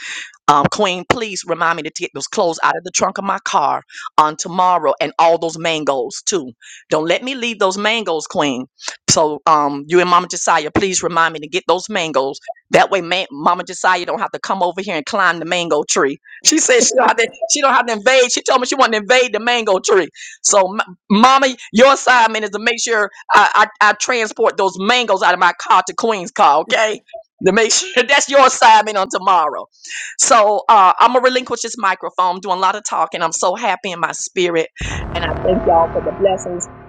[SPEAKER 1] Um, Queen, please remind me to get those clothes out of the trunk of my car on tomorrow and all those mangoes too. Don't let me leave those mangoes, Queen. So um, you and Mama Josiah, please remind me to get those mangoes. That way, Ma- Mama Josiah don't have to come over here and climb the mango tree. She said she don't have to, she don't have to invade. She told me she wanted to invade the mango tree. So, M- Mama, your assignment is to make sure I, I, I transport those mangoes out of my car to Queen's car, okay? To make sure that's your assignment on tomorrow. So uh, I'm gonna relinquish this microphone. I'm doing a lot of talking. I'm so happy in my spirit, and I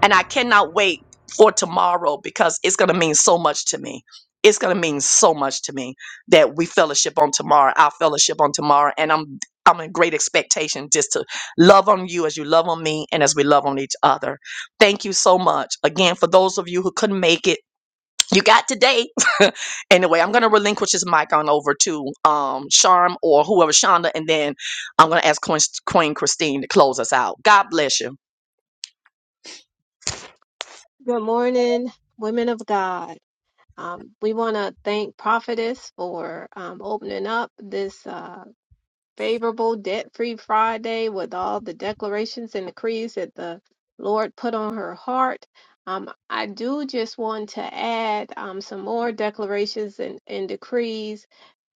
[SPEAKER 1] and I cannot wait for tomorrow because it's gonna mean so much to me. It's gonna mean so much to me that we fellowship on tomorrow. Our fellowship on tomorrow, and I'm I'm in great expectation just to love on you as you love on me and as we love on each other. Thank you so much again for those of you who couldn't make it you got today. anyway, I'm going to relinquish this mic on over to um, Charm or whoever, Shonda, and then I'm going to ask Queen, Queen Christine to close us out. God bless you.
[SPEAKER 5] Good morning, women of God. Um, we want to thank Prophetess for um, opening up this uh, favorable debt free Friday with all the declarations and decrees that the Lord put on her heart. Um, I do just want to add um, some more declarations and, and decrees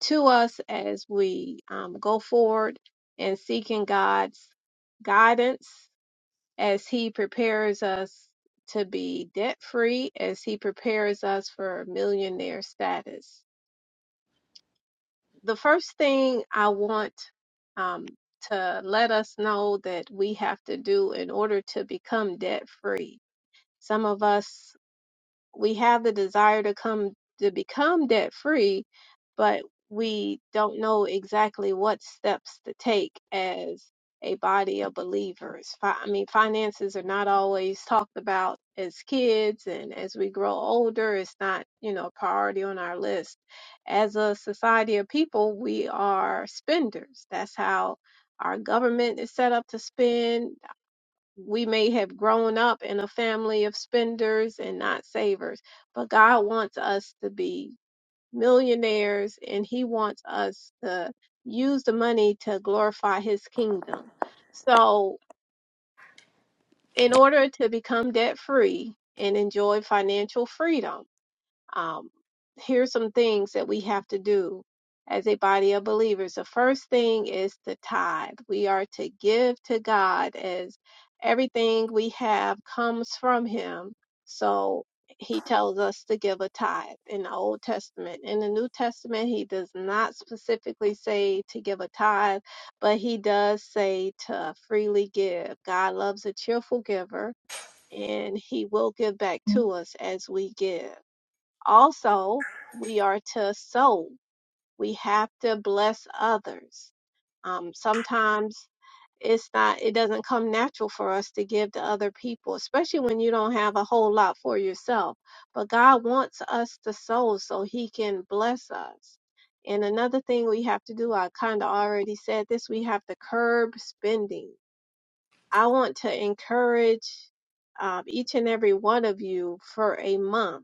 [SPEAKER 5] to us as we um, go forward in seeking God's guidance as He prepares us to be debt free, as He prepares us for millionaire status. The first thing I want um, to let us know that we have to do in order to become debt free. Some of us we have the desire to come to become debt free, but we don't know exactly what steps to take as a body of believers. Fi- I mean, finances are not always talked about as kids, and as we grow older, it's not, you know, a priority on our list. As a society of people, we are spenders. That's how our government is set up to spend we may have grown up in a family of spenders and not savers, but God wants us to be millionaires and He wants us to use the money to glorify His kingdom. So, in order to become debt free and enjoy financial freedom, um, here's some things that we have to do as a body of believers. The first thing is the tithe. We are to give to God as everything we have comes from Him. So He tells us to give a tithe in the Old Testament. In the New Testament, He does not specifically say to give a tithe, but He does say to freely give. God loves a cheerful giver. And he will give back to us as we give also we are to sow we have to bless others um, sometimes it's not it doesn't come natural for us to give to other people especially when you don't have a whole lot for yourself but god wants us to sow so he can bless us and another thing we have to do i kind of already said this we have to curb spending i want to encourage um, each and every one of you for a month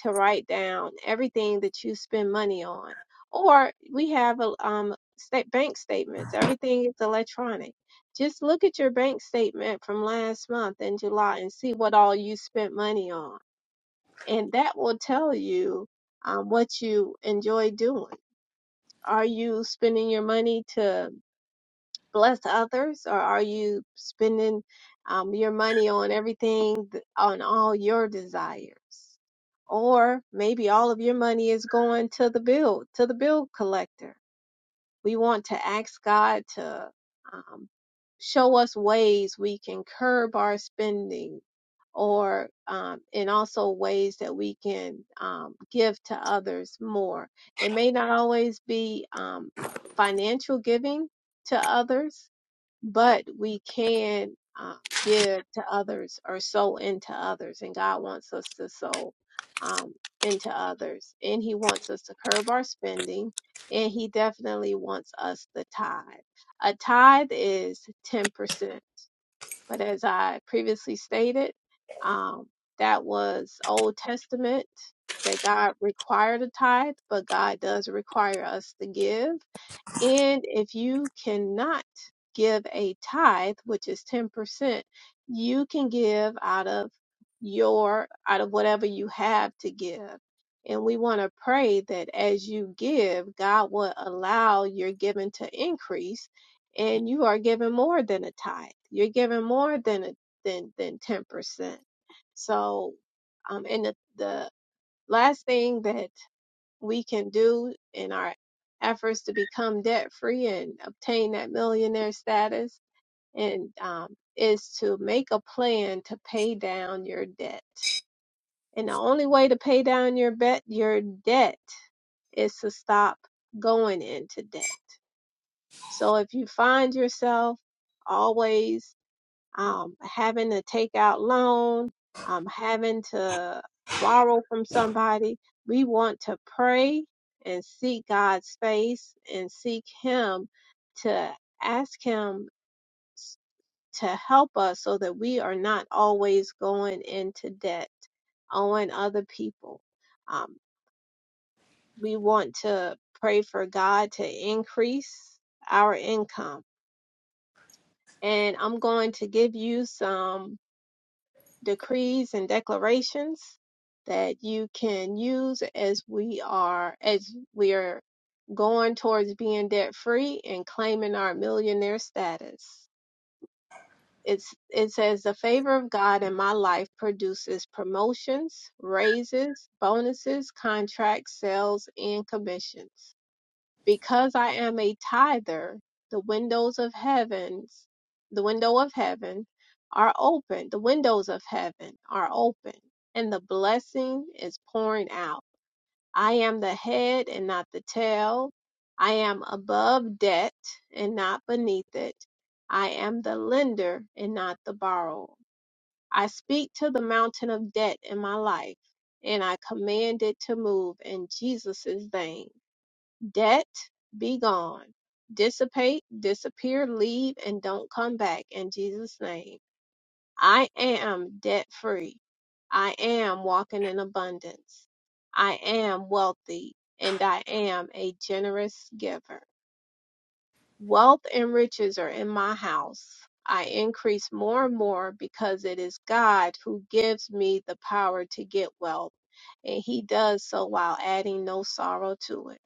[SPEAKER 5] to write down everything that you spend money on. Or we have a, um, state bank statements. Everything is electronic. Just look at your bank statement from last month in July and see what all you spent money on. And that will tell you um, what you enjoy doing. Are you spending your money to bless others or are you spending um, your money on everything th- on all your desires or maybe all of your money is going to the bill to the bill collector we want to ask god to um, show us ways we can curb our spending or um, and also ways that we can um, give to others more it may not always be um, financial giving to others but we can um, give to others or sow into others, and God wants us to sow um, into others, and He wants us to curb our spending, and He definitely wants us to tithe. A tithe is ten percent, but as I previously stated, um, that was Old Testament that God required a tithe, but God does require us to give and if you cannot give a tithe, which is 10%, you can give out of your, out of whatever you have to give. And we want to pray that as you give, God will allow your giving to increase and you are giving more than a tithe. You're giving more than a, than, than 10%. So, um, and the, the last thing that we can do in our efforts to become debt free and obtain that millionaire status and um, is to make a plan to pay down your debt and the only way to pay down your bet your debt is to stop going into debt so if you find yourself always um, having to take out loan, um, having to borrow from somebody. We want to pray and seek God's face and seek Him to ask Him s- to help us so that we are not always going into debt, owing other people. Um, we want to pray for God to increase our income. And I'm going to give you some decrees and declarations that you can use as we are as we are going towards being debt free and claiming our millionaire status. It's it says the favor of God in my life produces promotions, raises, bonuses, contracts, sales, and commissions because I am a tither, the windows of heavens, the window of heaven are open, the windows of heaven are open, and the blessing is pouring out. I am the head and not the tail. I am above debt and not beneath it. I am the lender and not the borrower. I speak to the mountain of debt in my life, and I command it to move in Jesus' name Debt, be gone. Dissipate, disappear, leave, and don't come back in Jesus' name. I am debt free. I am walking in abundance. I am wealthy and I am a generous giver. Wealth and riches are in my house. I increase more and more because it is God who gives me the power to get wealth, and He does so while adding no sorrow to it.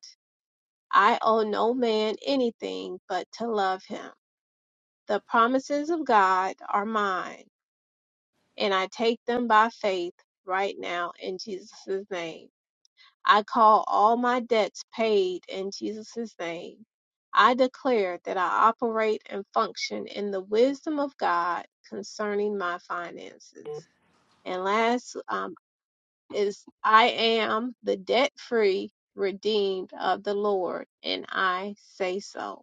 [SPEAKER 5] I owe no man anything but to love him. The promises of God are mine, and I take them by faith right now in Jesus' name. I call all my debts paid in Jesus' name. I declare that I operate and function in the wisdom of God concerning my finances. And last um, is I am the debt free, redeemed of the Lord, and I say so.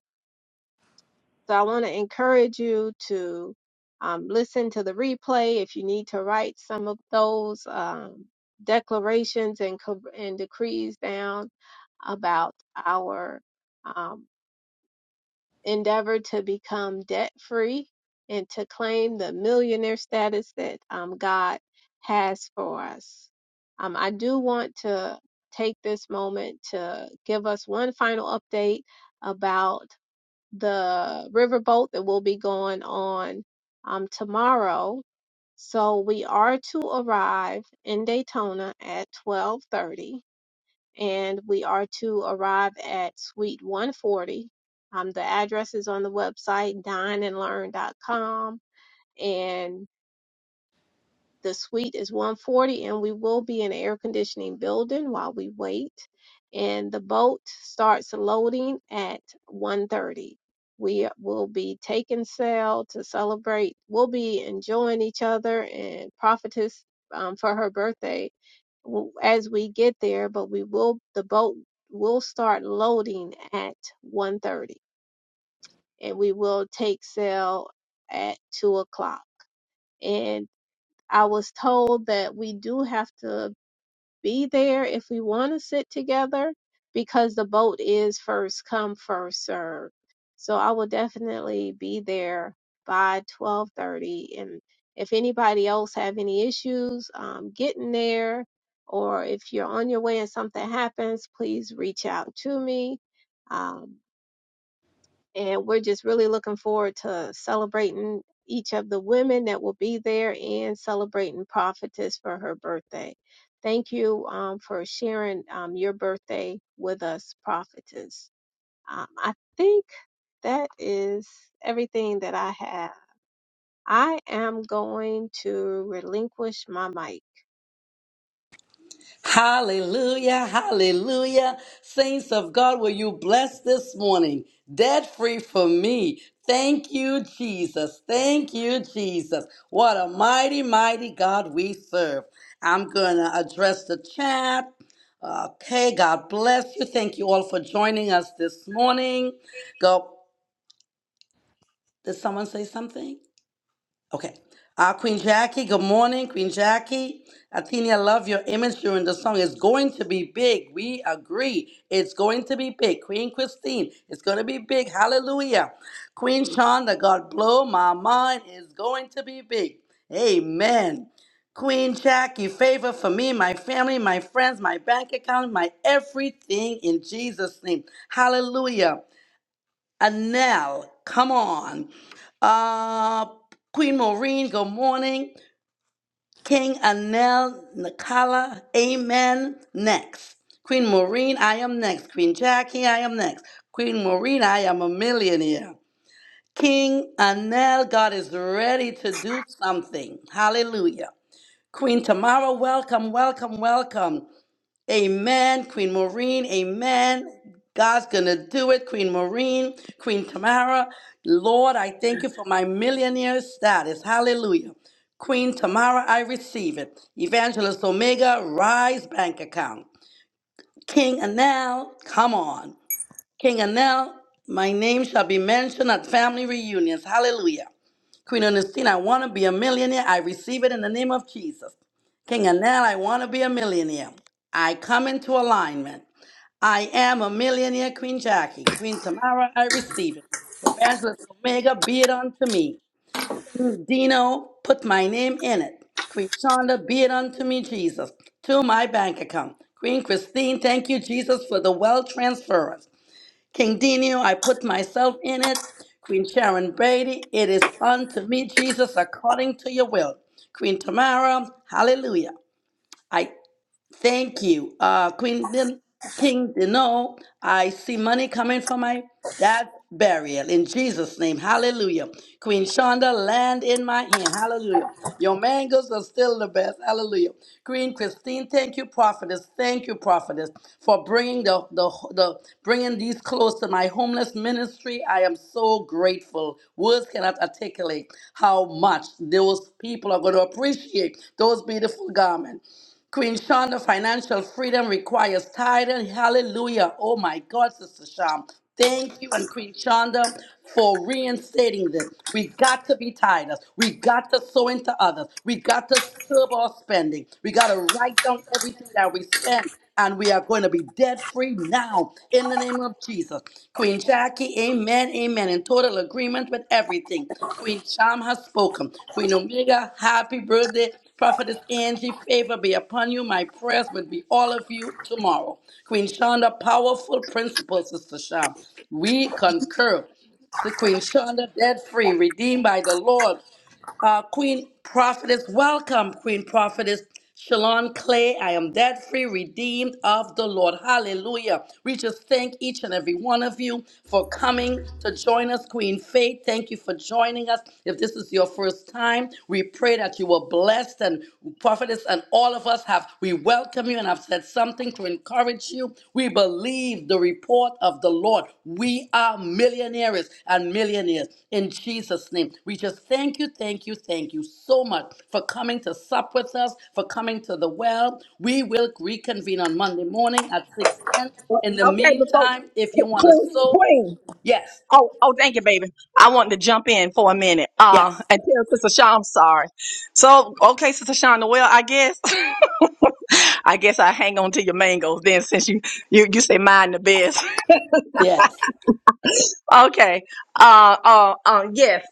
[SPEAKER 5] So I want to encourage you to um, listen to the replay if you need to write some of those um, declarations and, co- and decrees down about our um, endeavor to become debt free and to claim the millionaire status that um, God has for us. Um, I do want to take this moment to give us one final update about the riverboat that will be going on um, tomorrow. So we are to arrive in Daytona at 12:30, and we are to arrive at Suite 140. Um, the address is on the website dineandlearn.com, and learn dot com, and the suite is 140, and we will be in an air conditioning building while we wait. And the boat starts loading at 1:30. We will be taking sail to celebrate. We'll be enjoying each other and prophetess um, for her birthday w- as we get there. But we will the boat will start loading at 1:30, and we will take sail at two o'clock And I was told that we do have to be there if we want to sit together because the boat is first come first served. So I will definitely be there by 12:30 and if anybody else have any issues um, getting there or if you're on your way and something happens, please reach out to me. Um, and we're just really looking forward to celebrating each of the women that will be there and celebrating prophetess for her birthday thank you um, for sharing um, your birthday with us prophetess um, i think that is everything that i have i am going to relinquish my mic
[SPEAKER 2] hallelujah, hallelujah. Saints of God, will you bless this morning? Debt free for me. Thank you, Jesus. Thank you, Jesus. What a mighty, mighty God we serve. I'm going to address the chat. Okay, God bless you. Thank you all for joining us this morning. Go, did someone say something? Okay. Uh, Queen Jackie, good morning, Queen Jackie. Athenia, I love your image during the song. It's going to be big. We agree. It's going to be big. Queen Christine, it's going to be big. Hallelujah. Queen Shonda, God blow my mind. It's going to be big. Amen. Queen Jackie, favor for me, my family, my friends, my bank account, my everything in Jesus' name. Hallelujah. Anel, come on. Uh, Queen Maureen, good morning. King Anel Nakala, amen. Next. Queen Maureen, I am next. Queen Jackie, I am next. Queen Maureen, I am a millionaire. King Anel, God is ready to do something. Hallelujah. Queen Tamara, welcome, welcome, welcome. Amen. Queen Maureen, amen. God's going to do it. Queen Maureen, Queen Tamara. Lord, I thank you for my millionaire status. Hallelujah. Queen Tamara, I receive it. Evangelist Omega, Rise Bank Account. King Anel, come on. King Anel, my name shall be mentioned at family reunions. Hallelujah. Queen Ernestine, I want to be a millionaire. I receive it in the name of Jesus. King Anel, I want to be a millionaire. I come into alignment. I am a millionaire, Queen Jackie. Queen Tamara, I receive it. Evangelist Omega, be it unto me. King Dino, put my name in it. Queen Shonda, be it unto me, Jesus, to my bank account. Queen Christine, thank you, Jesus, for the wealth transference. King Dino, I put myself in it. Queen Sharon Brady, it is unto me, Jesus, according to your will. Queen Tamara, hallelujah. Thank you, uh, Queen Din- King Dino. I see money coming for my dad's burial in Jesus' name. Hallelujah. Queen Shonda, land in my hand. Hallelujah. Your mangoes are still the best. Hallelujah. Queen Christine, thank you, prophetess. Thank you, prophetess, for bringing the, the the bringing these close to my homeless ministry. I am so grateful. Words cannot articulate how much those people are going to appreciate those beautiful garments. Queen Shonda, financial freedom requires tithing. Hallelujah. Oh my God, Sister Sham. Thank you and Queen Shonda for reinstating this. We got to be tithers. We got to sow into others. We got to curb our spending. We got to write down everything that we spend. And we are going to be debt free now in the name of Jesus. Queen Jackie, amen, amen. In total agreement with everything. Queen Sham has spoken. Queen Omega, happy birthday. Prophetess Angie, favor be upon you. My prayers would be all of you tomorrow. Queen Shonda, powerful principle, Sister Sham. We concur. So Queen Shonda, debt free, redeemed by the Lord. Uh, Queen Prophetess, welcome, Queen Prophetess. Shalon Clay, I am debt free, redeemed of the Lord. Hallelujah. We just thank each and every one of you for coming to join us. Queen Faith, thank you for joining us. If this is your first time, we pray that you were blessed and prophetess and all of us have. We welcome you and I've said something to encourage you. We believe the report of the Lord. We are millionaires and millionaires in Jesus' name. We just thank you, thank you, thank you so much for coming to sup with us, for coming to the well. We will reconvene on Monday morning at 6:10. In the
[SPEAKER 1] Okay, before
[SPEAKER 2] meantime, if you want to
[SPEAKER 1] Queen,
[SPEAKER 2] sow,
[SPEAKER 1] Queen.
[SPEAKER 2] yes,
[SPEAKER 1] Oh, oh, thank you, baby. I wanted to jump in for a minute. Uh,
[SPEAKER 2] yes,
[SPEAKER 1] and tell Sister Shawn I'm sorry. So, okay, Sister Shawn, well, I guess, I guess I hang on to your mangoes then, since you you you say mine the best.
[SPEAKER 2] yes.
[SPEAKER 1] Okay. Uh, uh, uh, yes.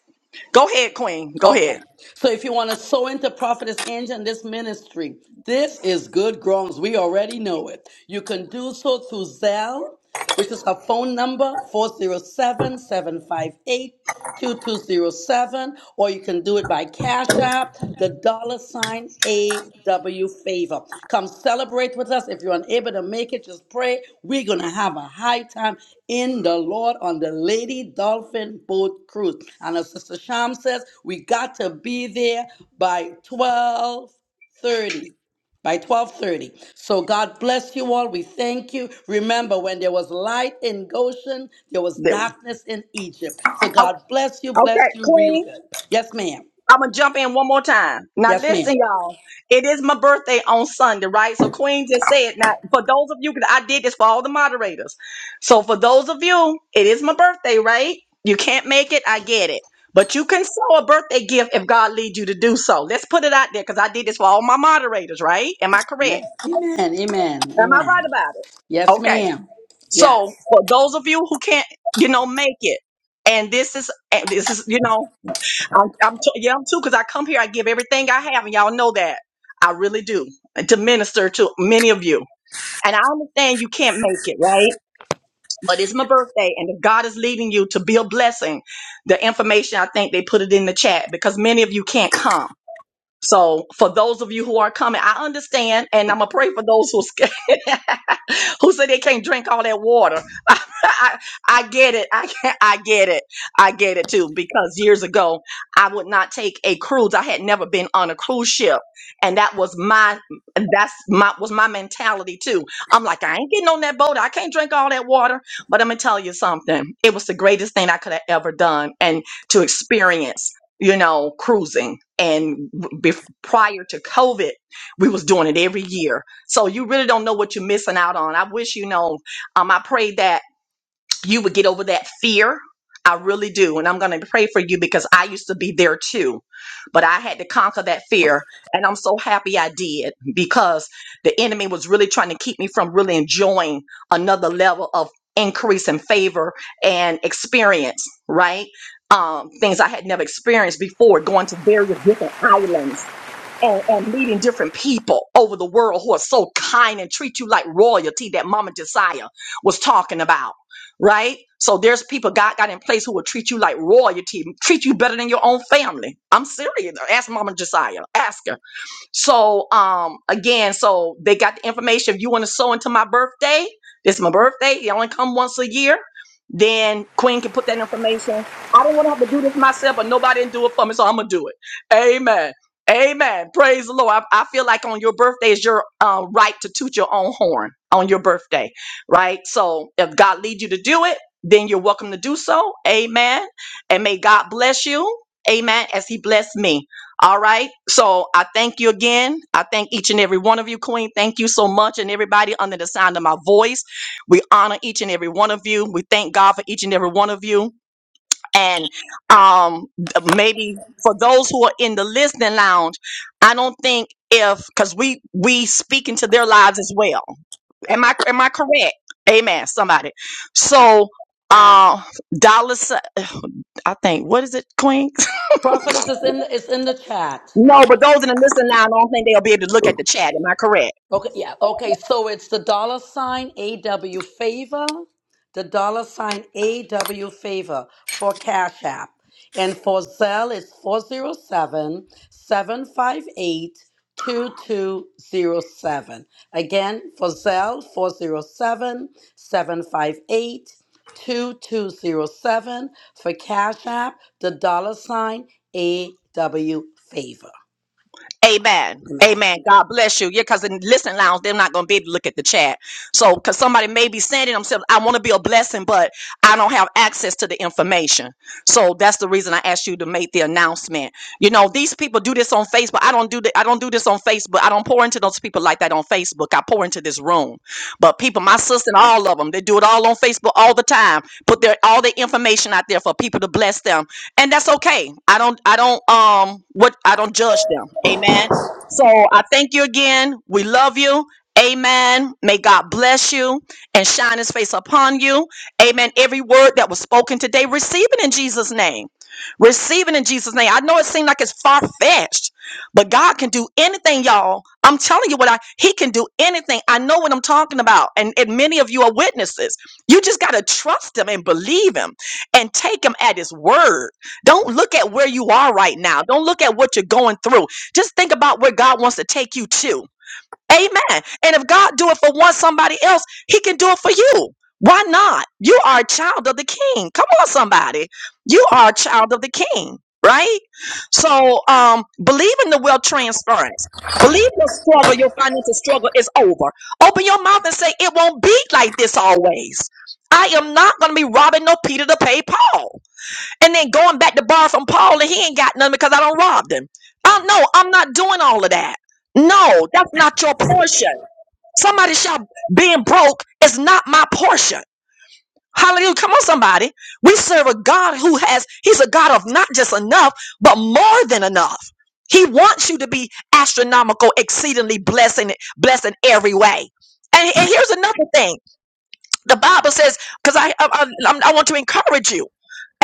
[SPEAKER 1] Go ahead, Queen. Go ahead.
[SPEAKER 2] Okay. So if you want to sow into Prophetess Angel and this ministry, this is good grounds. We already know it. You can do so through Zelle, which is her phone number, 407 758 2207, or you can do it by Cash App the dollar sign AW favor. Come celebrate with us. If you're unable to make it, just pray. We're going to have a high time in the Lord on the Lady Dolphin Boat Cruise. And as Sister Sham says, we got to be there by 1230 by 12:30. So God bless you all. We thank you. Remember when there was light in Goshen, there was darkness in Egypt. So
[SPEAKER 1] O-
[SPEAKER 2] God bless you,
[SPEAKER 1] Okay,
[SPEAKER 2] bless you real
[SPEAKER 1] Queen.
[SPEAKER 2] good. Yes ma'am.
[SPEAKER 1] I'm gonna jump in one more time. Now
[SPEAKER 2] Yes ma'am.
[SPEAKER 1] listen, y'all. It is my birthday on Sunday, right? So Queen just said, now for those of you, 'cause I did this for all the moderators. So for those of you, it is my birthday, right? You can't make it. I get it. But you can sow a birthday gift if God leads you to do so. Let's put it out there because I did this for all my moderators, right? Am I correct?
[SPEAKER 2] Amen. Amen. Amen.
[SPEAKER 1] Am I right
[SPEAKER 2] Amen.
[SPEAKER 1] about it?
[SPEAKER 2] Yes,
[SPEAKER 1] Okay.
[SPEAKER 2] ma'am.
[SPEAKER 1] So
[SPEAKER 2] Yes.
[SPEAKER 1] for those of you who can't, you know, make it, and this is, and this is, you know, I'm, I'm t- yeah, I'm too, because I come here, I give everything I have, and y'all know that. I really do and to minister to many of you. And I understand you can't make it, right? But it's my birthday, and if God is leading you to be a blessing, the information I think they put it in the chat because many of you can't come. So for those of you who are coming, I understand, and I'm gonna pray for those who scared, who say they can't drink all that water. I, I get it. I get, I get it. I get it too. Because years ago, I would not take a cruise. I had never been on a cruise ship, and that was my that's my was my mentality too. I'm like, I ain't getting on that boat. I can't drink all that water. But I'm gonna tell you something. It was the greatest thing I could have ever done, and to experience you know, cruising. And be- prior to COVID, we was doing it every year. So you really don't know what you're missing out on. I wish, you know, um, I prayed that you would get over that fear. I really do. And I'm going to pray for you because I used to be there too. But I had to conquer that fear. And I'm so happy I did because the enemy was really trying to keep me from really enjoying another level of increase in favor and experience, right? Um, things I had never experienced before, going to various different islands and, and meeting different people over the world who are so kind and treat you like royalty that Mama Josiah was talking about, right? So there's people God got in place who will treat you like royalty, treat you better than your own family. I'm serious. Ask Mama Josiah. Ask her. So um again, so they got the information. If you want to sew into my birthday, this is my birthday. You only come once a year. Then Queen can put that information. I didn't want to have to do this myself, but nobody didn't do it for me, so I'm gonna do it. Amen. Amen. Praise the Lord. I, I feel like on your birthday is your uh, right to toot your own horn on your birthday, right? So if God leads you to do it, then you're welcome to do so. Amen. And may God bless you. Amen. As He blessed me. All right. So I thank you again. I thank each and every one of you, Queen. Thank you so much. And everybody under the sound of my voice, we honor each and every one of you. We thank God for each and every one of you. And um, th- maybe for those who are in the listening lounge, I don't think if because we we speak into their lives as well. Am I am I correct? Amen. Somebody. So uh, Dallas, I think what is it, Queen?
[SPEAKER 2] Prophet is is in the, it's in the chat.
[SPEAKER 1] No, but those in the listen now, I don't think they'll be able to look at the chat. Am I correct?
[SPEAKER 2] Okay, yeah. Okay, so it's the dollar sign AW favor, the dollar sign AW favor for Cash App. And for Zelle, it's 407 758 2207. Again, for Zelle, 407 758 2207 For Cash App, the dollar sign AW favor.
[SPEAKER 1] Amen.
[SPEAKER 2] Amen.
[SPEAKER 1] Amen. God bless you. Yeah, because in listen lounge, they're not going to be able to look at the chat. So, because somebody may be sending themselves, I want to be a blessing, but I don't have access to the information. So that's the reason I asked you to make the announcement. You know, these people do this on Facebook. I don't do that. I don't do this on Facebook. I don't pour into those people like that on Facebook. I pour into this room. But people, my sister and all of them, they do it all on Facebook all the time. Put their all the information out there for people to bless them and that's okay. I don't I don't um what I don't judge them. Amen. So I thank you again. We love you. Amen. May God bless you and shine his face upon you. Amen. Every word that was spoken today, receive it in Jesus' name. Receive it in Jesus' name. I know it seemed like it's far fetched, but God can do anything, y'all. I'm telling you what I He can do anything. I know what I'm talking about. And, and many of you are witnesses. You just gotta trust him and believe him and take him at his word. Don't look at where you are right now. Don't look at what you're going through. Just think about where God wants to take you to. Amen. And if God do it for one somebody else, he can do it for you. Why not? You are a child of the king. Come on somebody. You are a child of the king, right? So, um believe in the will transference. Believe your struggle, your financial struggle is over. Open your mouth and say it won't be like this always. I am not going to be robbing no Peter to pay Paul and then going back to borrow from Paul and he ain't got nothing because I don't robbed him. Um, no, I'm not doing all of that. No, that's not your portion. Somebody shout being broke is not my portion. Hallelujah. Come on, somebody. We serve a God who has, he's a God of not just enough, but more than enough. He wants you to be astronomical, exceedingly blessing, blessing every way. And, and here's another thing. The Bible says, because I, I, I I want to encourage you.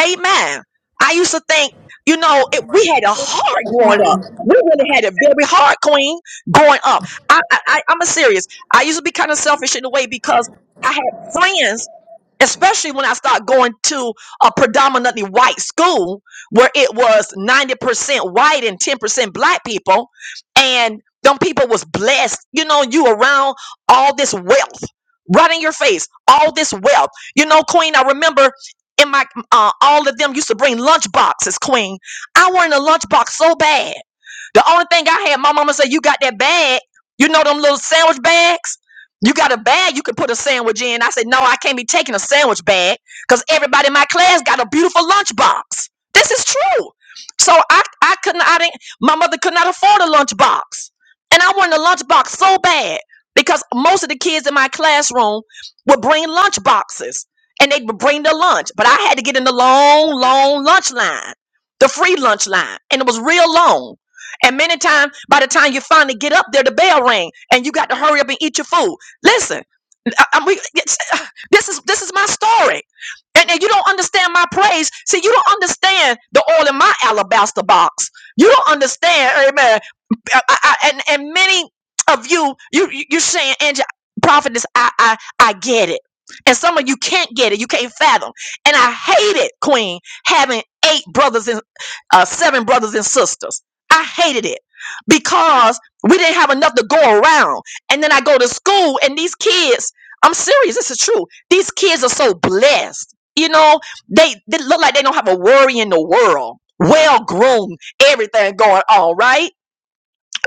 [SPEAKER 1] Amen. I used to think, you know, it, we had a hard growing up. We really had a very hard, Queen, growing up. I, I, I, I'm a serious. I used to be kind of selfish in a way because I had friends especially when I start going to a predominantly white school where it was 90% white and 10% black people and them people was blessed you know you around all this wealth right in your face all this wealth you know queen i remember in my uh, all of them used to bring lunch boxes queen i wanted a lunch box so bad the only thing i had my mama said you got that bag you know them little sandwich bags you got a bag you can put a sandwich in. I said, No, I can't be taking a sandwich bag because everybody in my class got a beautiful lunch box. This is true. So I, I couldn't, I didn't, my mother could not afford a lunch box. And I wanted a lunch box so bad because most of the kids in my classroom would bring lunch boxes and they would bring their lunch. But I had to get in the long, long lunch line, the free lunch line. And it was real long. And many times, by the time you finally get up there, the bell rang and you got to hurry up and eat your food Listen, I, I, we, it's, this is this is my story, and, and you don't understand my praise. See, you don't understand the oil in my alabaster box. You don't understand, Amen. I, I, and and many of you, you you- you're saying, Angie, prophetess, I I I get it, and some of you can't get it, you can't fathom, and I hate it, Queen, having eight brothers and uh, seven brothers and sisters. I hated it because we didn't have enough to go around, and then I go to school, and these kids, I'm serious, this is true. These kids are so blessed, you know. They they look like they don't have a worry in the world. Well groomed, everything going on, right?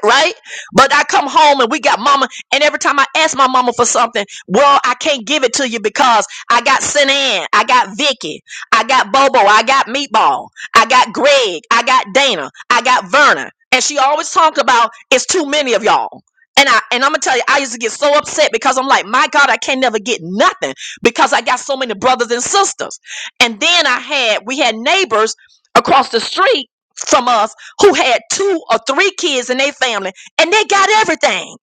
[SPEAKER 1] right? But I come home and we got mama, and every time I ask my mama for something, well, I can't give it to you because I got Sinan, I got Vicky, I got Bobo, I got Meatball, I got Greg, I got Dana, I got Verna, and she always talked about it's too many of y'all. And I and I'm gonna tell you, I used to get so upset because I'm like, my God, I can't never get nothing because I got so many brothers and sisters. And then I had we had neighbors across the street from us who had two or three kids in their family and they got everything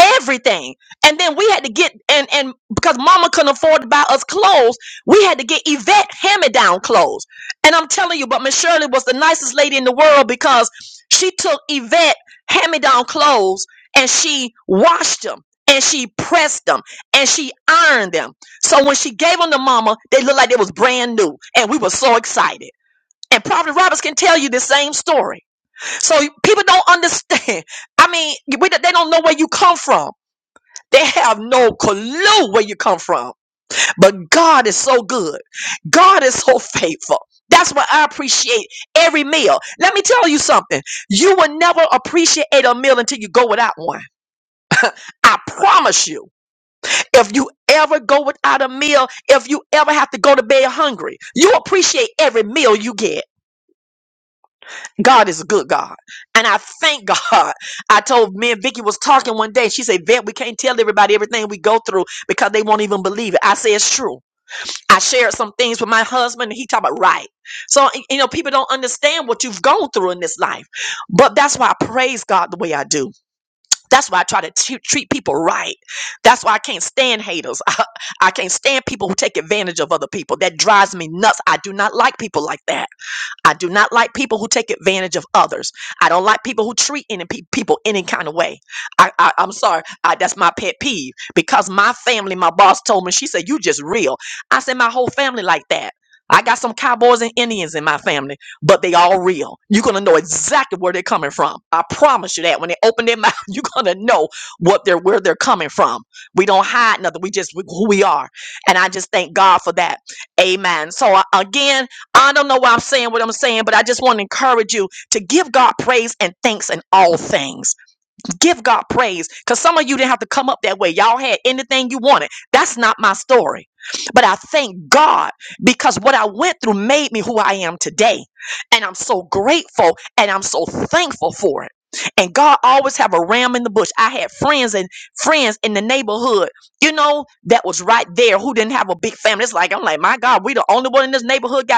[SPEAKER 1] everything and then we had to get and and because mama couldn't afford to buy us clothes we had to get yvette hand-me-down clothes and i'm telling you but miss shirley was the nicest lady in the world because she took yvette hand-me-down clothes and she washed them and she pressed them and she ironed them so when she gave them to mama they looked like they was brand new and we were so excited and Prophet roberts can tell you the same story so people don't understand. I mean, we, they don't know where you come from. They have no clue where you come from. But God is so good. God is so faithful. That's why I appreciate every meal. Let me tell you something. You will never appreciate a meal until you go without one. I promise you. If you ever go without a meal, if you ever have to go to bed hungry, you appreciate every meal you get. God is a good God. And I thank God. I told me and Vicky was talking one day. She said, Vet, we can't tell everybody everything we go through because they won't even believe it. I said, it's true. I shared some things with my husband and he talked about right. So, y- you know, people don't understand what you've gone through in this life. But that's why I praise God the way I do. That's why I try to t- treat people right. That's why I can't stand haters. I I can't stand people who take advantage of other people. That drives me nuts. I do not like people like that. I do not like people who take advantage of others. I don't like people who treat any pe- people any kind of way. I, I I'm sorry. I, that's my pet peeve because my family, my boss told me she said you just real. I said my whole family like that. I got some cowboys and Indians in my family, but they all real. You're gonna know exactly where they're coming from. I promise you that. When they open their mouth, you're gonna know what they're where they're coming from. We don't hide nothing. We just who we are, and I just thank God for that. Amen. So uh, again. I don't know why I'm saying what I'm saying, but I just want to encourage you to give God praise and thanks in all things. Give God praise because some of you didn't have to come up that way. Y'all had anything you wanted. That's not my story. But I thank God because what I went through made me who I am today. And I'm so grateful and I'm so thankful for it. And God always have a ram in the bush. I had friends and friends in the neighborhood, you know, that was right there who didn't have a big family. It's like I'm like, my God, we the only one in this neighborhood got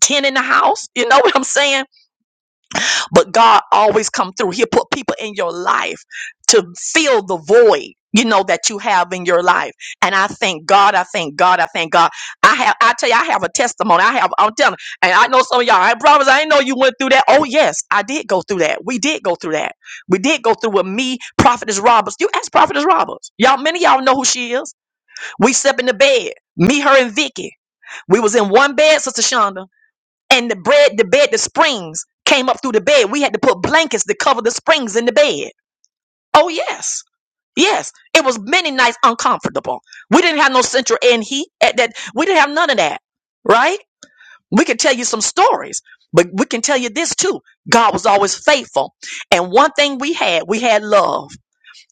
[SPEAKER 1] 10 in the house you know what i'm saying but god always come through he'll put people in your life to fill the void you know that you have in your life and i thank god i thank god i thank god i have i tell you i have a testimony i have i'm telling and i know some of y'all i promise i didn't know you went through that oh yes i did go through that we did go through that we did go through with me prophetess roberts you ask prophetess roberts y'all many of y'all know who she is we slept in the bed me her and vicky we was in one bed sister shonda and the bread, the bed, the springs came up through the bed. We had to put blankets to cover the springs in the bed. Oh yes, yes. It was many nights uncomfortable. We didn't have no central air and heat at that. We didn't have none of that, right? We can tell you some stories, but we can tell you this too. God was always faithful, and one thing we had, we had love.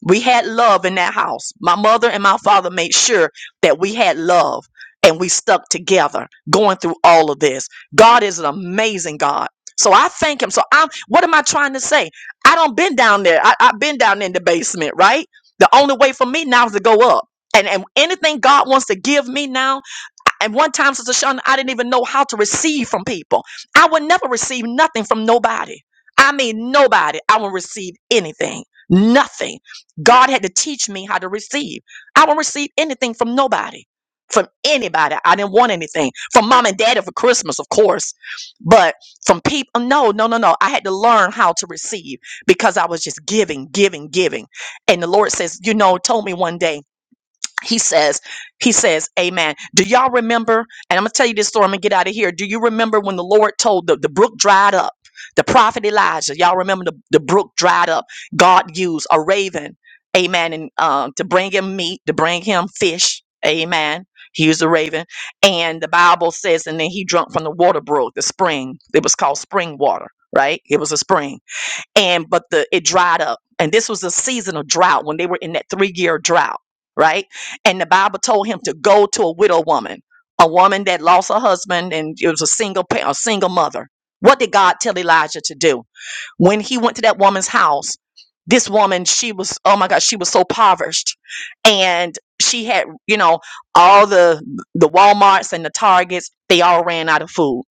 [SPEAKER 1] We had love in that house. My mother and my father made sure that we had love and we stuck together going through all of this. God is an amazing God. So I thank him. So I'm what am I trying to say? I don't been down there. I, I've been down in the basement, right? The only way for me now is to go up. And and anything God wants to give me now and one time, Sister Shonda, I didn't even know how to receive from people. I would never receive nothing from nobody. I mean, nobody. I would receive anything. Nothing. God had to teach me how to receive. I won't receive anything from nobody. From anybody. I didn't want anything. From mom and daddy for Christmas, of course. But from people, no, no, no, no. I had to learn how to receive because I was just giving, giving, giving. And the Lord says, you know, told me one day he says, he says, Amen. Do y'all remember? And I'm gonna tell you this story. I'm gonna get out of here. Do you remember when the Lord told the, the brook dried up? The prophet Elijah. Y'all remember the, the brook dried up. God used a raven, amen, and um to bring him meat, to bring him fish, amen. He used a raven. And the Bible says, and then he drunk from the water brook, the spring. It was called spring water, right? It was a spring and but the it dried up and this was a season of drought when they were in that three year drought right and the bible told him to go to a widow woman a woman that lost her husband and it was a single pa- a single mother what did god tell elijah to do when he went to that woman's house this woman she was oh my god she was so impoverished and she had you know all the the walmarts and the targets they all ran out of food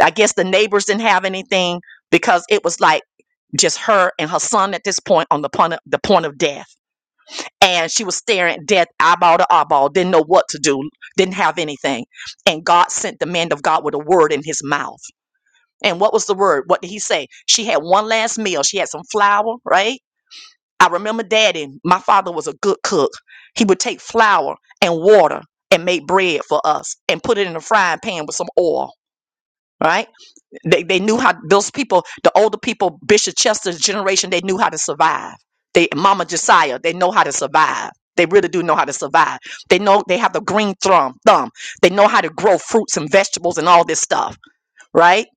[SPEAKER 1] i guess the neighbors didn't have anything because it was like just her and her son at this point on the point of, the point of death. And she was staring at death eyeball to eyeball, didn't know what to do, didn't have anything. And God sent the man of God with a word in his mouth. And what was the word? What did he say? She had one last meal. She had some flour, right? I remember daddy, my father was a good cook. He would take flour and water and make bread for us and put it in a frying pan with some oil, right? They, they knew how those people, the older people, Bishop Chester's generation, they knew how to survive. They Mama Josiah, they know how to survive. They really do know how to survive. They know they have the green thumb thumb. They know how to grow fruits and vegetables and all this stuff, right?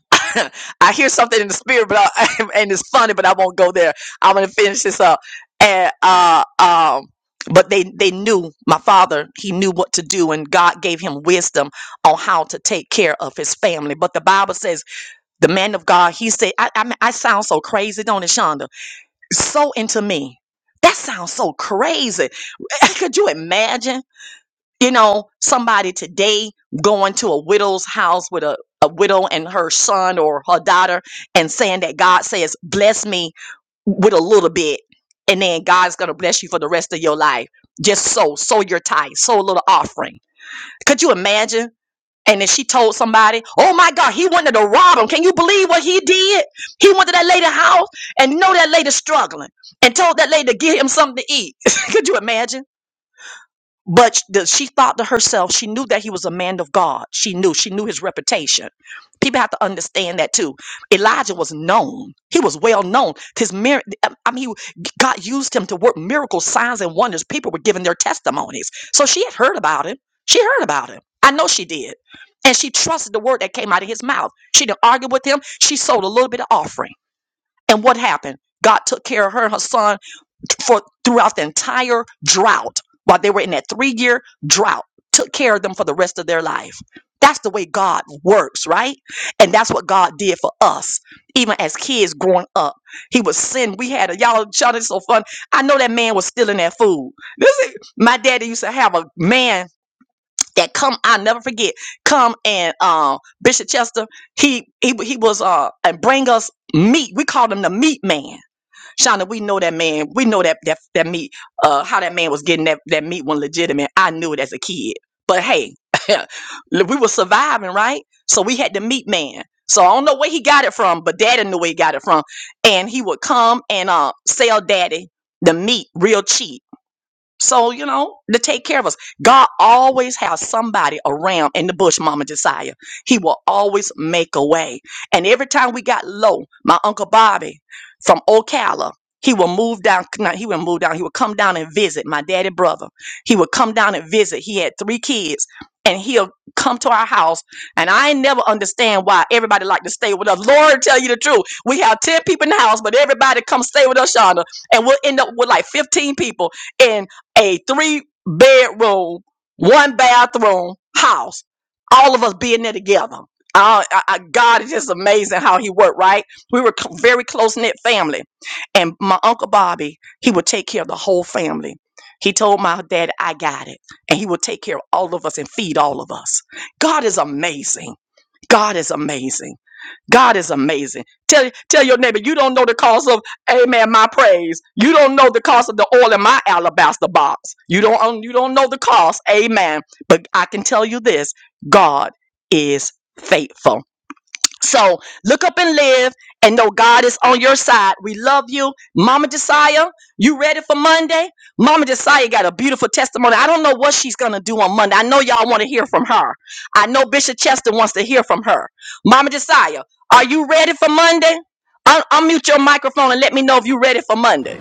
[SPEAKER 1] I hear something in the spirit, but I, and it's funny, but I won't go there. I'm gonna finish this up. And uh, um, but they they knew my father. He knew what to do, and God gave him wisdom on how to take care of his family. But the Bible says the man of God, he said, I, I, mean, I sound so crazy, don't it, Shonda? So into me. That sounds so crazy. Could you imagine, you know, somebody today going to a widow's house with a, a widow and her son or her daughter and saying that God says, bless me with a little bit and then god's gonna bless you for the rest of your life just sow sow your tithe sow a little offering could you imagine and then she told somebody, oh my God, he wanted to rob him. Can you believe what he did? He went to that lady's house and know that lady struggling and told that lady to give him something to eat. Could you imagine? But sh- the- she thought to herself, she knew that he was a man of God. She knew, she knew his reputation. People have to understand that too. Elijah was known. He was well known. His mir- um, I mean, he- God used him to work miracles, signs, and wonders. People were giving their testimonies. So she had heard about him. She heard about him. I know she did. And she trusted the word that came out of his mouth. She didn't argue with him. She sold a little bit of offering. And what happened? God took care of her and her son for throughout the entire drought while they were in that three year drought took care of them for the rest of their life that's the way god works right and that's what god did for us even as kids growing up he would send we had a y'all Sean, it's so fun i know that man was stealing that food this is, my daddy used to have a man that come i never forget come and um bishop chester he he, he was uh and bring us meat we called him the meat man Shonda, we know that man, we know that that, that meat, uh, how that man was getting that, that meat when legitimate. I knew it as a kid. But hey, we were surviving, right? So we had the meat man. So I don't know where he got it from, but daddy knew where he got it from. And he would come and uh, sell daddy the meat real cheap so, you know, to take care of us. God always has somebody around in the bush, Mama Josiah. He will always make a way. And every time we got low, my Uncle Bobby from Ocala, he will move down. No, he would move down. He would come down and visit my daddy brother. He would come down and visit. He had three kids. And he'll come to our house. And I ain't never understand why everybody like to stay with us. Lord tell you the truth. We have 10 people in the house, but everybody come stay with us, Shauna. And we'll end up with like 15 people. And a three bedroom, one bathroom house. All of us being there together. Uh, I, I, God is just amazing how He worked. Right, we were c- very close knit family, and my uncle Bobby, he would take care of the whole family. He told my dad, "I got it," and he would take care of all of us and feed all of us. God is amazing. God is amazing. God is amazing. Tell tell your neighbor you don't know the cost of amen my praise. You don't know the cost of the oil in my alabaster box. You don't own- you don't know the cost. Amen. But I can tell you this, God is faithful. So look up and live and know God is on your side. We love you. Mama Josiah, you ready for Monday? Mama Josiah got a beautiful testimony. I don't know what she's going to do on Monday. I know y'all want to hear from her. I know Bishop Chester wants to hear from her. Mama Josiah, are you ready for Monday? Un- unmute your microphone and let me know if you're ready for Monday.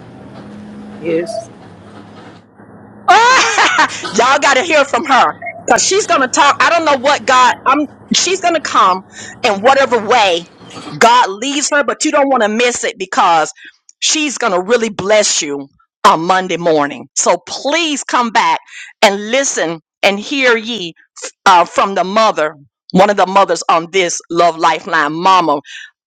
[SPEAKER 1] Y'all got to hear from her because she's going to talk. I don't know what God, I'm, she's going to come in whatever way God leads her, but you don't want to miss it because she's going to really bless you on Monday morning. So please come back and listen and hear ye uh, from the mother, one of the mothers on this Love Lifeline, Mama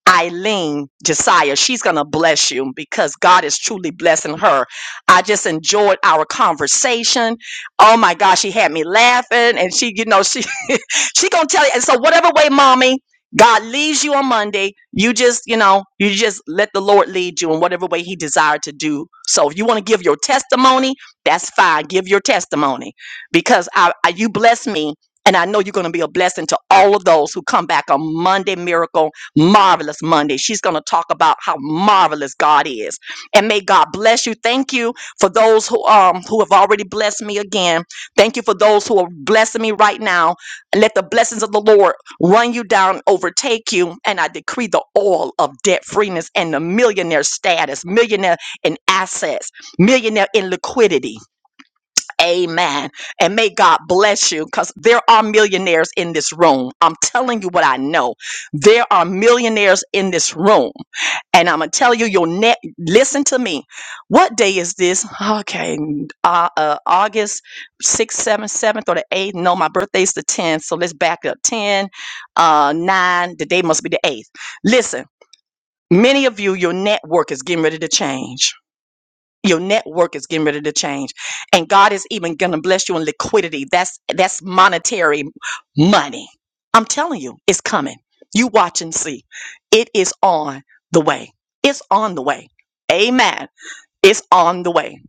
[SPEAKER 1] Eileen Josiah. She's going to bless you because God is truly blessing her I just enjoyed our conversation. Oh my gosh, she had me laughing and she, you know, she she gonna tell you. And so whatever way, mommy, God leaves you on Monday, you just, you know, you just let the Lord lead you in whatever way He desired to do. So if you want to give your testimony, that's fine. Give your testimony because I, I you bless me. And I know you're going to be a blessing to all of those who come back on Monday Miracle, Marvelous Monday. She's going to talk about how marvelous God is. And may God bless you. Thank you for those who um who have already blessed me again, thank you for those who are blessing me right now. And let the blessings of the Lord run you down, overtake you, and I decree the oil of debt freeness and the millionaire status, millionaire in assets, millionaire in liquidity. Amen. And may God bless you because there are millionaires in this room. I'm telling you what I know. There are millionaires in this room. And I'm going to tell you, your net, listen to me. What day is this? Okay. Uh, uh, August 6th, 7th, 7th, or the 8th. No, my birthday's the 10th. So let's back up 10, uh, 9. The day must be the 8th. Listen, many of you, your network is getting ready to change your network is getting ready to change and god is even going to bless you in liquidity that's that's monetary money i'm telling you it's coming you watch and see it is on the way it's on the way amen it's on the way.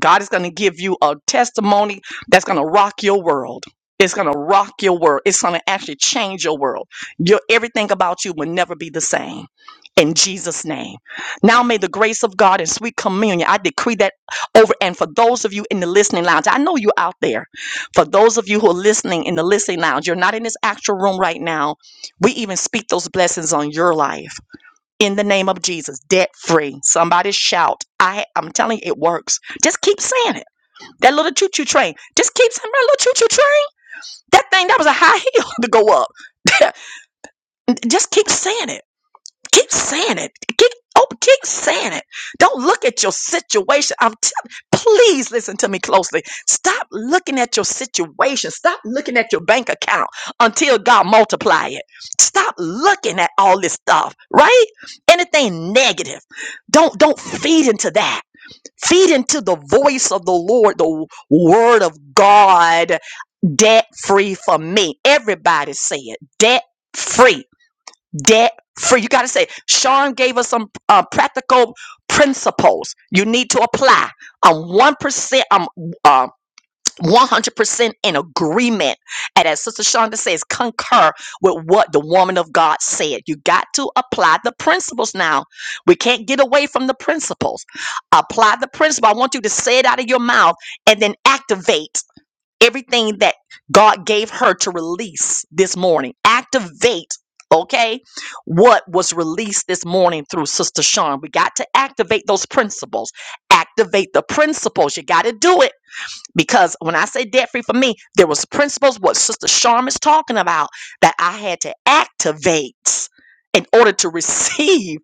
[SPEAKER 1] God is going to give you a testimony that's going to rock your world. It's going to rock your world. It's going to actually change your world. Your everything about you will never be the same. In Jesus' name. Now may the grace of God and sweet communion, I decree that over. And for those of you in the listening lounge, I know you are out there. For those of you who are listening in the listening lounge, you're not in this actual room right now. We even speak those blessings on your life in the name of Jesus, debt free. Somebody shout. I I'm telling you, it works. Just keep saying it. That little choo-choo train. Just keep saying that little choo-choo train. That thing that was a high hill to go up. Just keep saying it. Keep saying it. Keep oh, keep saying it. Don't look at your situation. I'm telling. please listen to me closely. Stop looking at your situation. Stop looking at your bank account until God multiply it. Stop looking at all this stuff, right? Anything negative. Don't don't feed into that. Feed into the voice of the Lord, the word of God, debt free for me. Everybody say it. Debt free debt free. You got to say, Sean gave us some uh, practical principles you need to apply. I'm 1%, I'm uh, 100% in agreement. And as Sister Shonda says, concur with what the woman of God said. You got to apply the principles now. We can't get away from the principles. Apply the principle. I want you to say it out of your mouth and then activate everything that God gave her to release this morning. Activate, okay, what was released this morning through Sister Sean. We got to activate those principles. Activate the principles. You got to do it. Because when I say debt free for me, there was principles what Sister Sharm is talking about that I had to activate in order to receive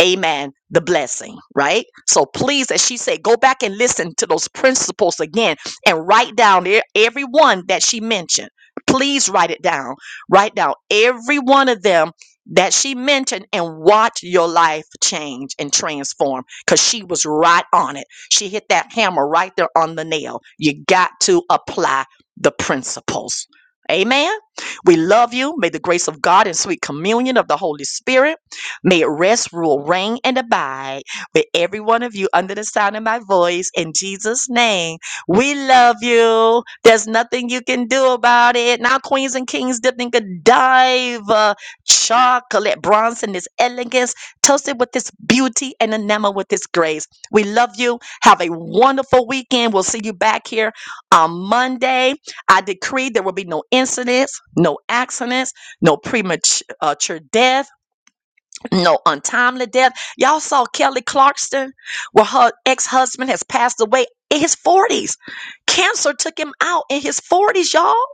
[SPEAKER 1] amen the blessing right so please as she said go back and listen to those principles again and write down e- every one that she mentioned please write it down write down every one of them that she mentioned and watch your life change and transform because she was right on it she hit that hammer right there on the nail you got to apply the principles amen we love you may the grace of god and sweet communion of the holy spirit May it rest, rule, reign, and abide with every one of you under the sound of my voice. In Jesus' name, we love you. There's nothing you can do about it. Now, Queens and Kings dipped in Godiva chocolate, bronze in this elegance, toasted with this beauty and enameled with this grace. We love you. Have a wonderful weekend. We'll see you back here on Monday. I decree there will be no incidents, no accidents, no premature uh, death no untimely death. Y'all saw Kelly Clarkson, where her ex husband has passed away in his 40s. Cancer took him out in his 40s, y'all.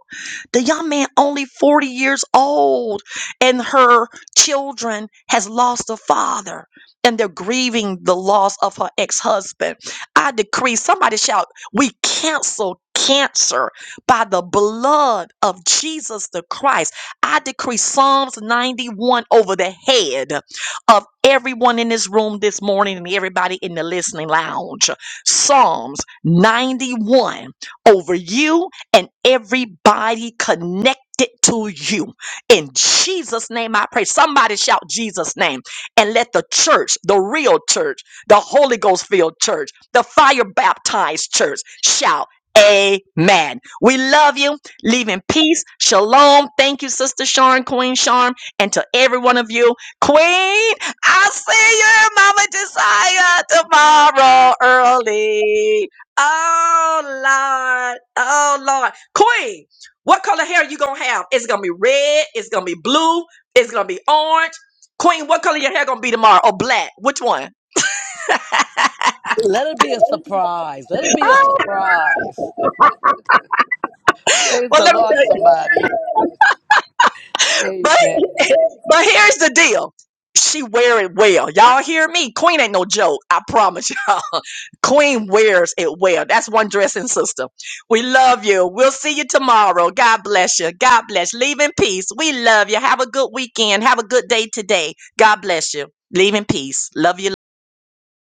[SPEAKER 1] The young man only 40 years old and her children has lost a father and they're grieving the loss of her ex-husband. I decree somebody shout, we cancel cancer by the blood of Jesus the Christ. I decree Psalms 91 over the head of everyone in this room this morning and everybody in the listening lounge. Psalms 91 over you and everybody connected to you. In Jesus' name, I pray. Somebody shout Jesus' name and let the church, the real church, the Holy Ghost filled church, the fire baptized church shout. Amen. We love you. Leave in peace. Shalom. Thank you, Sister Sharon, Queen Charm, and to every one of you. Queen, I'll see you, Mama Desire, tomorrow early. Oh Lord. Oh Lord. Queen, what color hair you gonna have? It's gonna be red, it's gonna be blue, it's gonna be orange. Queen, what color your hair gonna be tomorrow? Or black? Which one?
[SPEAKER 2] Let it be a surprise. Let it be a surprise. Praise
[SPEAKER 1] Well,
[SPEAKER 2] the
[SPEAKER 1] let me tell
[SPEAKER 2] Lord,
[SPEAKER 1] you.
[SPEAKER 2] somebody.
[SPEAKER 1] But
[SPEAKER 2] Amen.
[SPEAKER 1] but here's the deal. She wear it well. Y'all hear me? Queen ain't no joke. I promise y'all. Queen wears it well. That's one dressing system. We love you. We'll see you tomorrow. God bless you. God bless. Leave in peace. We love you. Have a good weekend. Have a good day today. God bless you. Leave in peace. Love you.